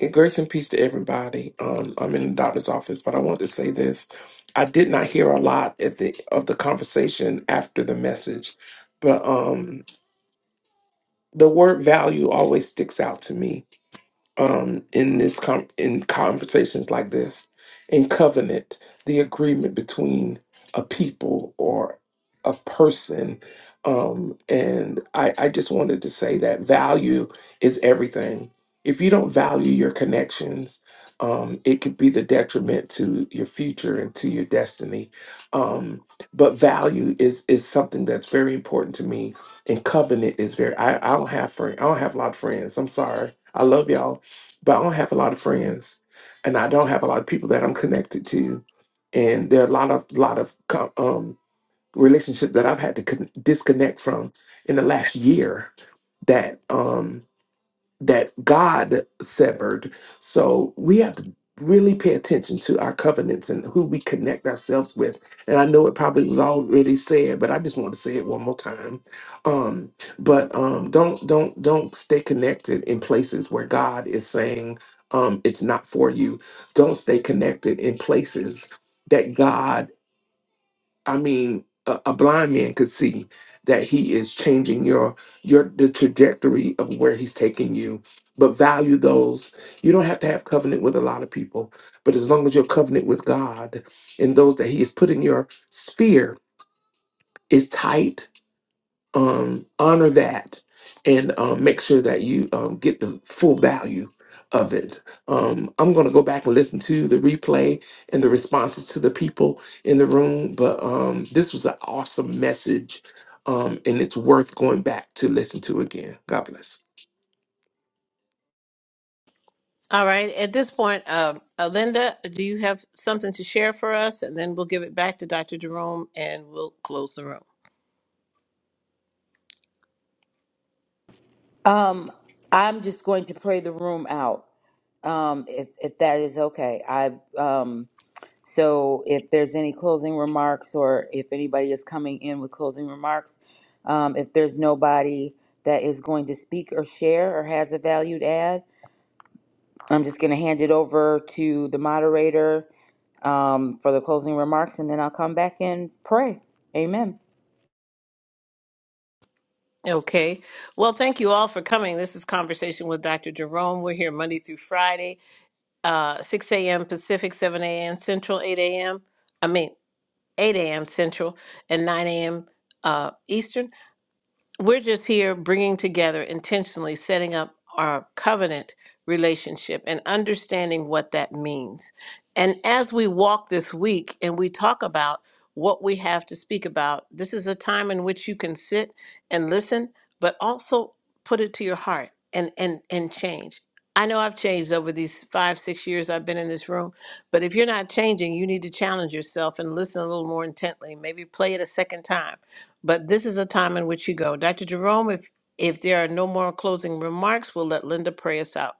L: and grace and peace to everybody. Um, I'm in the doctor's office, but I wanted to say this. I did not hear a lot at the of the conversation after the message, but um, the word value always sticks out to me um, in this com- in conversations like this in covenant the agreement between a people or a person um, and I, I just wanted to say that value is everything if you don't value your connections um, it could be the detriment to your future and to your destiny um, but value is is something that's very important to me and covenant is very i, I don't have friends i don't have a lot of friends i'm sorry i love y'all but I don't have a lot of friends, and I don't have a lot of people that I'm connected to, and there are a lot of lot of co- um, relationships that I've had to con- disconnect from in the last year that um, that God severed. So we have to really pay attention to our covenants and who we connect ourselves with. And I know it probably was already said, but I just want to say it one more time. Um, but um, don't don't don't stay connected in places where God is saying um, it's not for you. Don't stay connected in places that God I mean, a, a blind man could see that he is changing your your the trajectory of where he's taking you. But value those. You don't have to have covenant with a lot of people, but as long as your covenant with God and those that He has put in your sphere is tight, um, honor that and um, make sure that you um, get the full value of it. Um, I'm going to go back and listen to the replay and the responses to the people in the room, but um, this was an awesome message um, and it's worth going back to listen to again. God bless.
A: All right. At this point, um, uh, Linda, do you have something to share for us? And then we'll give it back to Dr. Jerome, and we'll close the room.
E: Um, I'm just going to pray the room out, um, if if that is okay. I um, so if there's any closing remarks or if anybody is coming in with closing remarks, um, if there's nobody that is going to speak or share or has a valued add, I'm just going to hand it over to the moderator um, for the closing remarks, and then I'll come back and pray. Amen.
A: Okay. Well, thank you all for coming. This is Conversation with Dr. Jerome. We're here Monday through Friday. uh, 6 a.m. Pacific, 7 a.m. Central, 8 a.m. I mean, 8 a.m. Central, and 9 a.m. Uh, Eastern we're just here bringing together intentionally setting up our covenant relationship and understanding what that means and as we walk this week and we talk about what we have to speak about this is a time in which you can sit and listen but also put it to your heart and and and change i know i've changed over these five six years i've been in this room but if you're not changing you need to challenge yourself and listen a little more intently maybe play it a second time but this is a time in which you go. Dr. Jerome, if if there are no more closing remarks, we'll let Linda pray us out.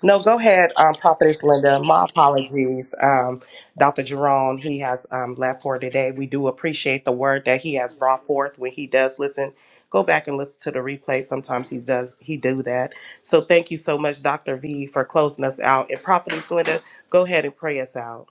B: No, go ahead, um, Prophetess Linda. My apologies. Um, Dr. Jerome, he has um, left for today. We do appreciate the word that he has brought forth when he does listen. Go back and listen to the replay. Sometimes he does he do that. So thank you so much, Dr. V, for closing us out. And Prophetess Linda, go ahead and pray us out.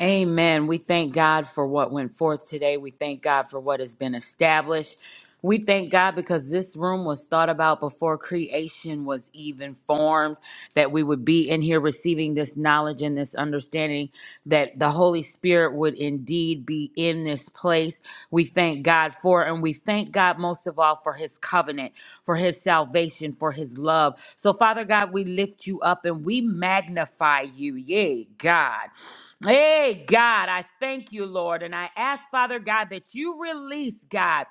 E: Amen. We thank God for what went forth today. We thank God for what has been established. We thank God because this room was thought about before creation was even formed, that we would be in here receiving this knowledge and this understanding, that the Holy Spirit would indeed be in this place. We thank God for, it, and we thank God most of all for his covenant, for his salvation, for his love. So, Father God, we lift you up and we magnify you. Yay, God. Hey, God, I thank you, Lord. And I ask, Father God, that you release, God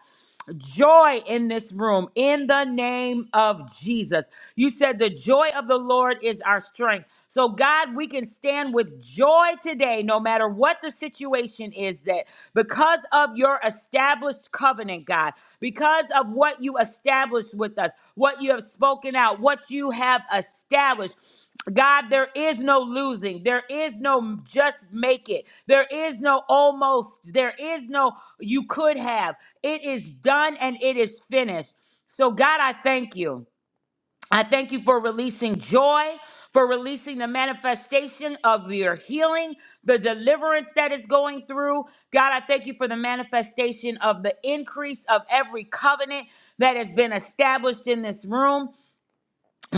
E: joy in this room in the name of Jesus. You said the joy of the Lord is our strength. So, God, we can stand with joy today, no matter what the situation is, that because of your established covenant, God, because of what you established with us, what you have spoken out, what you have established. God, there is no losing. There is no just make it. There is no almost. There is no you could have. It is done and it is finished. So, God, I thank you. I thank you for releasing joy, for releasing the manifestation of your healing, the deliverance that is going through. God, I thank you for the manifestation of the increase of every covenant that has been established in this room.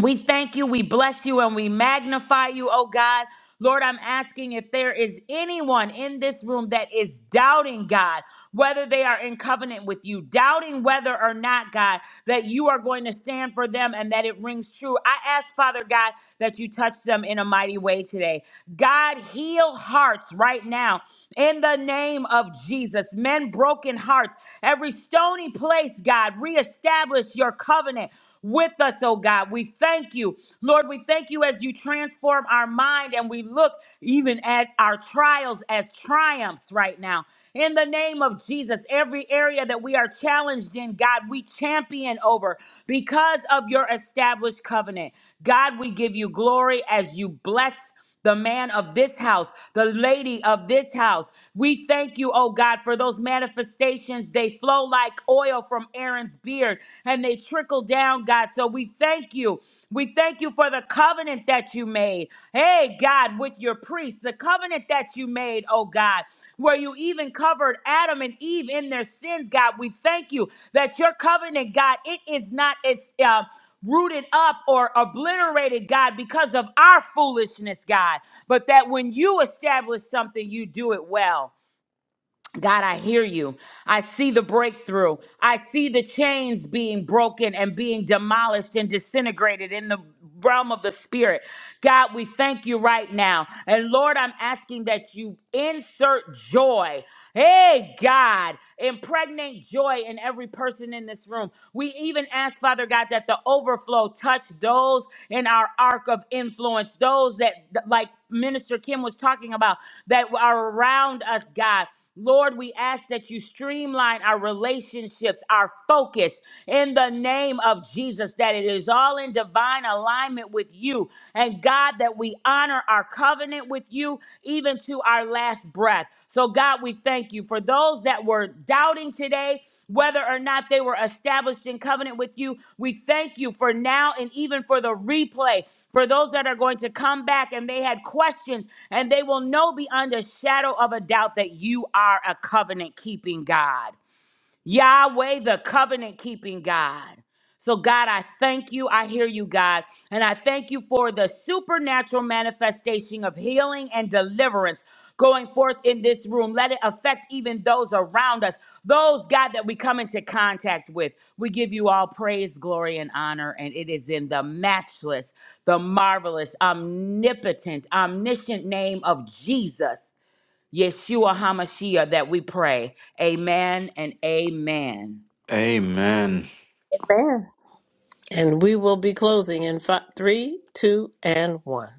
E: We thank you, we bless you, and we magnify you, oh God. Lord, I'm asking if there is anyone in this room that is doubting God, whether they are in covenant with you, doubting whether or not, God, that you are going to stand for them and that it rings true. I ask, Father God, that you touch them in a mighty way today. God, heal hearts right now in the name of Jesus. Men, broken hearts, every stony place, God, reestablish your covenant with us, oh God. We thank you. Lord, we thank you as you transform our mind and we look even at our trials as triumphs right now. In the name of Jesus, every area that we are challenged in, God, we champion over because of your established covenant. God, we give you glory as you bless the man of this house, the lady of this house. We thank you, oh God, for those manifestations. They flow like oil from Aaron's beard and they trickle down, God. So we thank you. We thank you for the covenant that you made. Hey, God, with your priests, the covenant that you made, oh God, where you even covered Adam and Eve in their sins, God. We thank you that your covenant, God, it is not, it's, uh, rooted up or obliterated, God, because of our foolishness, God. But that when you establish something, you do it well. God, I hear you. I see the breakthrough. I see the chains being broken and being demolished and disintegrated in the realm of the spirit. God, we thank you right now. And Lord, I'm asking that you insert joy. Hey, God, impregnate joy in every person in this room. We even ask, Father God, that the overflow touch those in our arc of influence, those that, like Minister Kim was talking about, that are around us, God. Lord, we ask that you streamline our relationships, our focus in the name of Jesus, that it is all in divine alignment with you. And God, that we honor our covenant with you even to our last breath. So, God, we thank you for those that were doubting today whether or not they were established in covenant with you. We thank you for now and even for the replay for those that are going to come back and they had questions and they will know beyond a shadow of a doubt that you are a covenant keeping God. Yahweh, the covenant keeping God. So, God, I thank you. I hear you, God. And I thank you for the supernatural manifestation of healing and deliverance going forth in this room. Let it affect even those around us, those, God, that we come into contact with. We give you all praise, glory, and honor. And it is in the matchless, the marvelous, omnipotent, omniscient name of Jesus Yeshua HaMashiach that we pray. Amen and amen.
H: Amen.
A: Amen. And we will be closing in five, three, two, and one.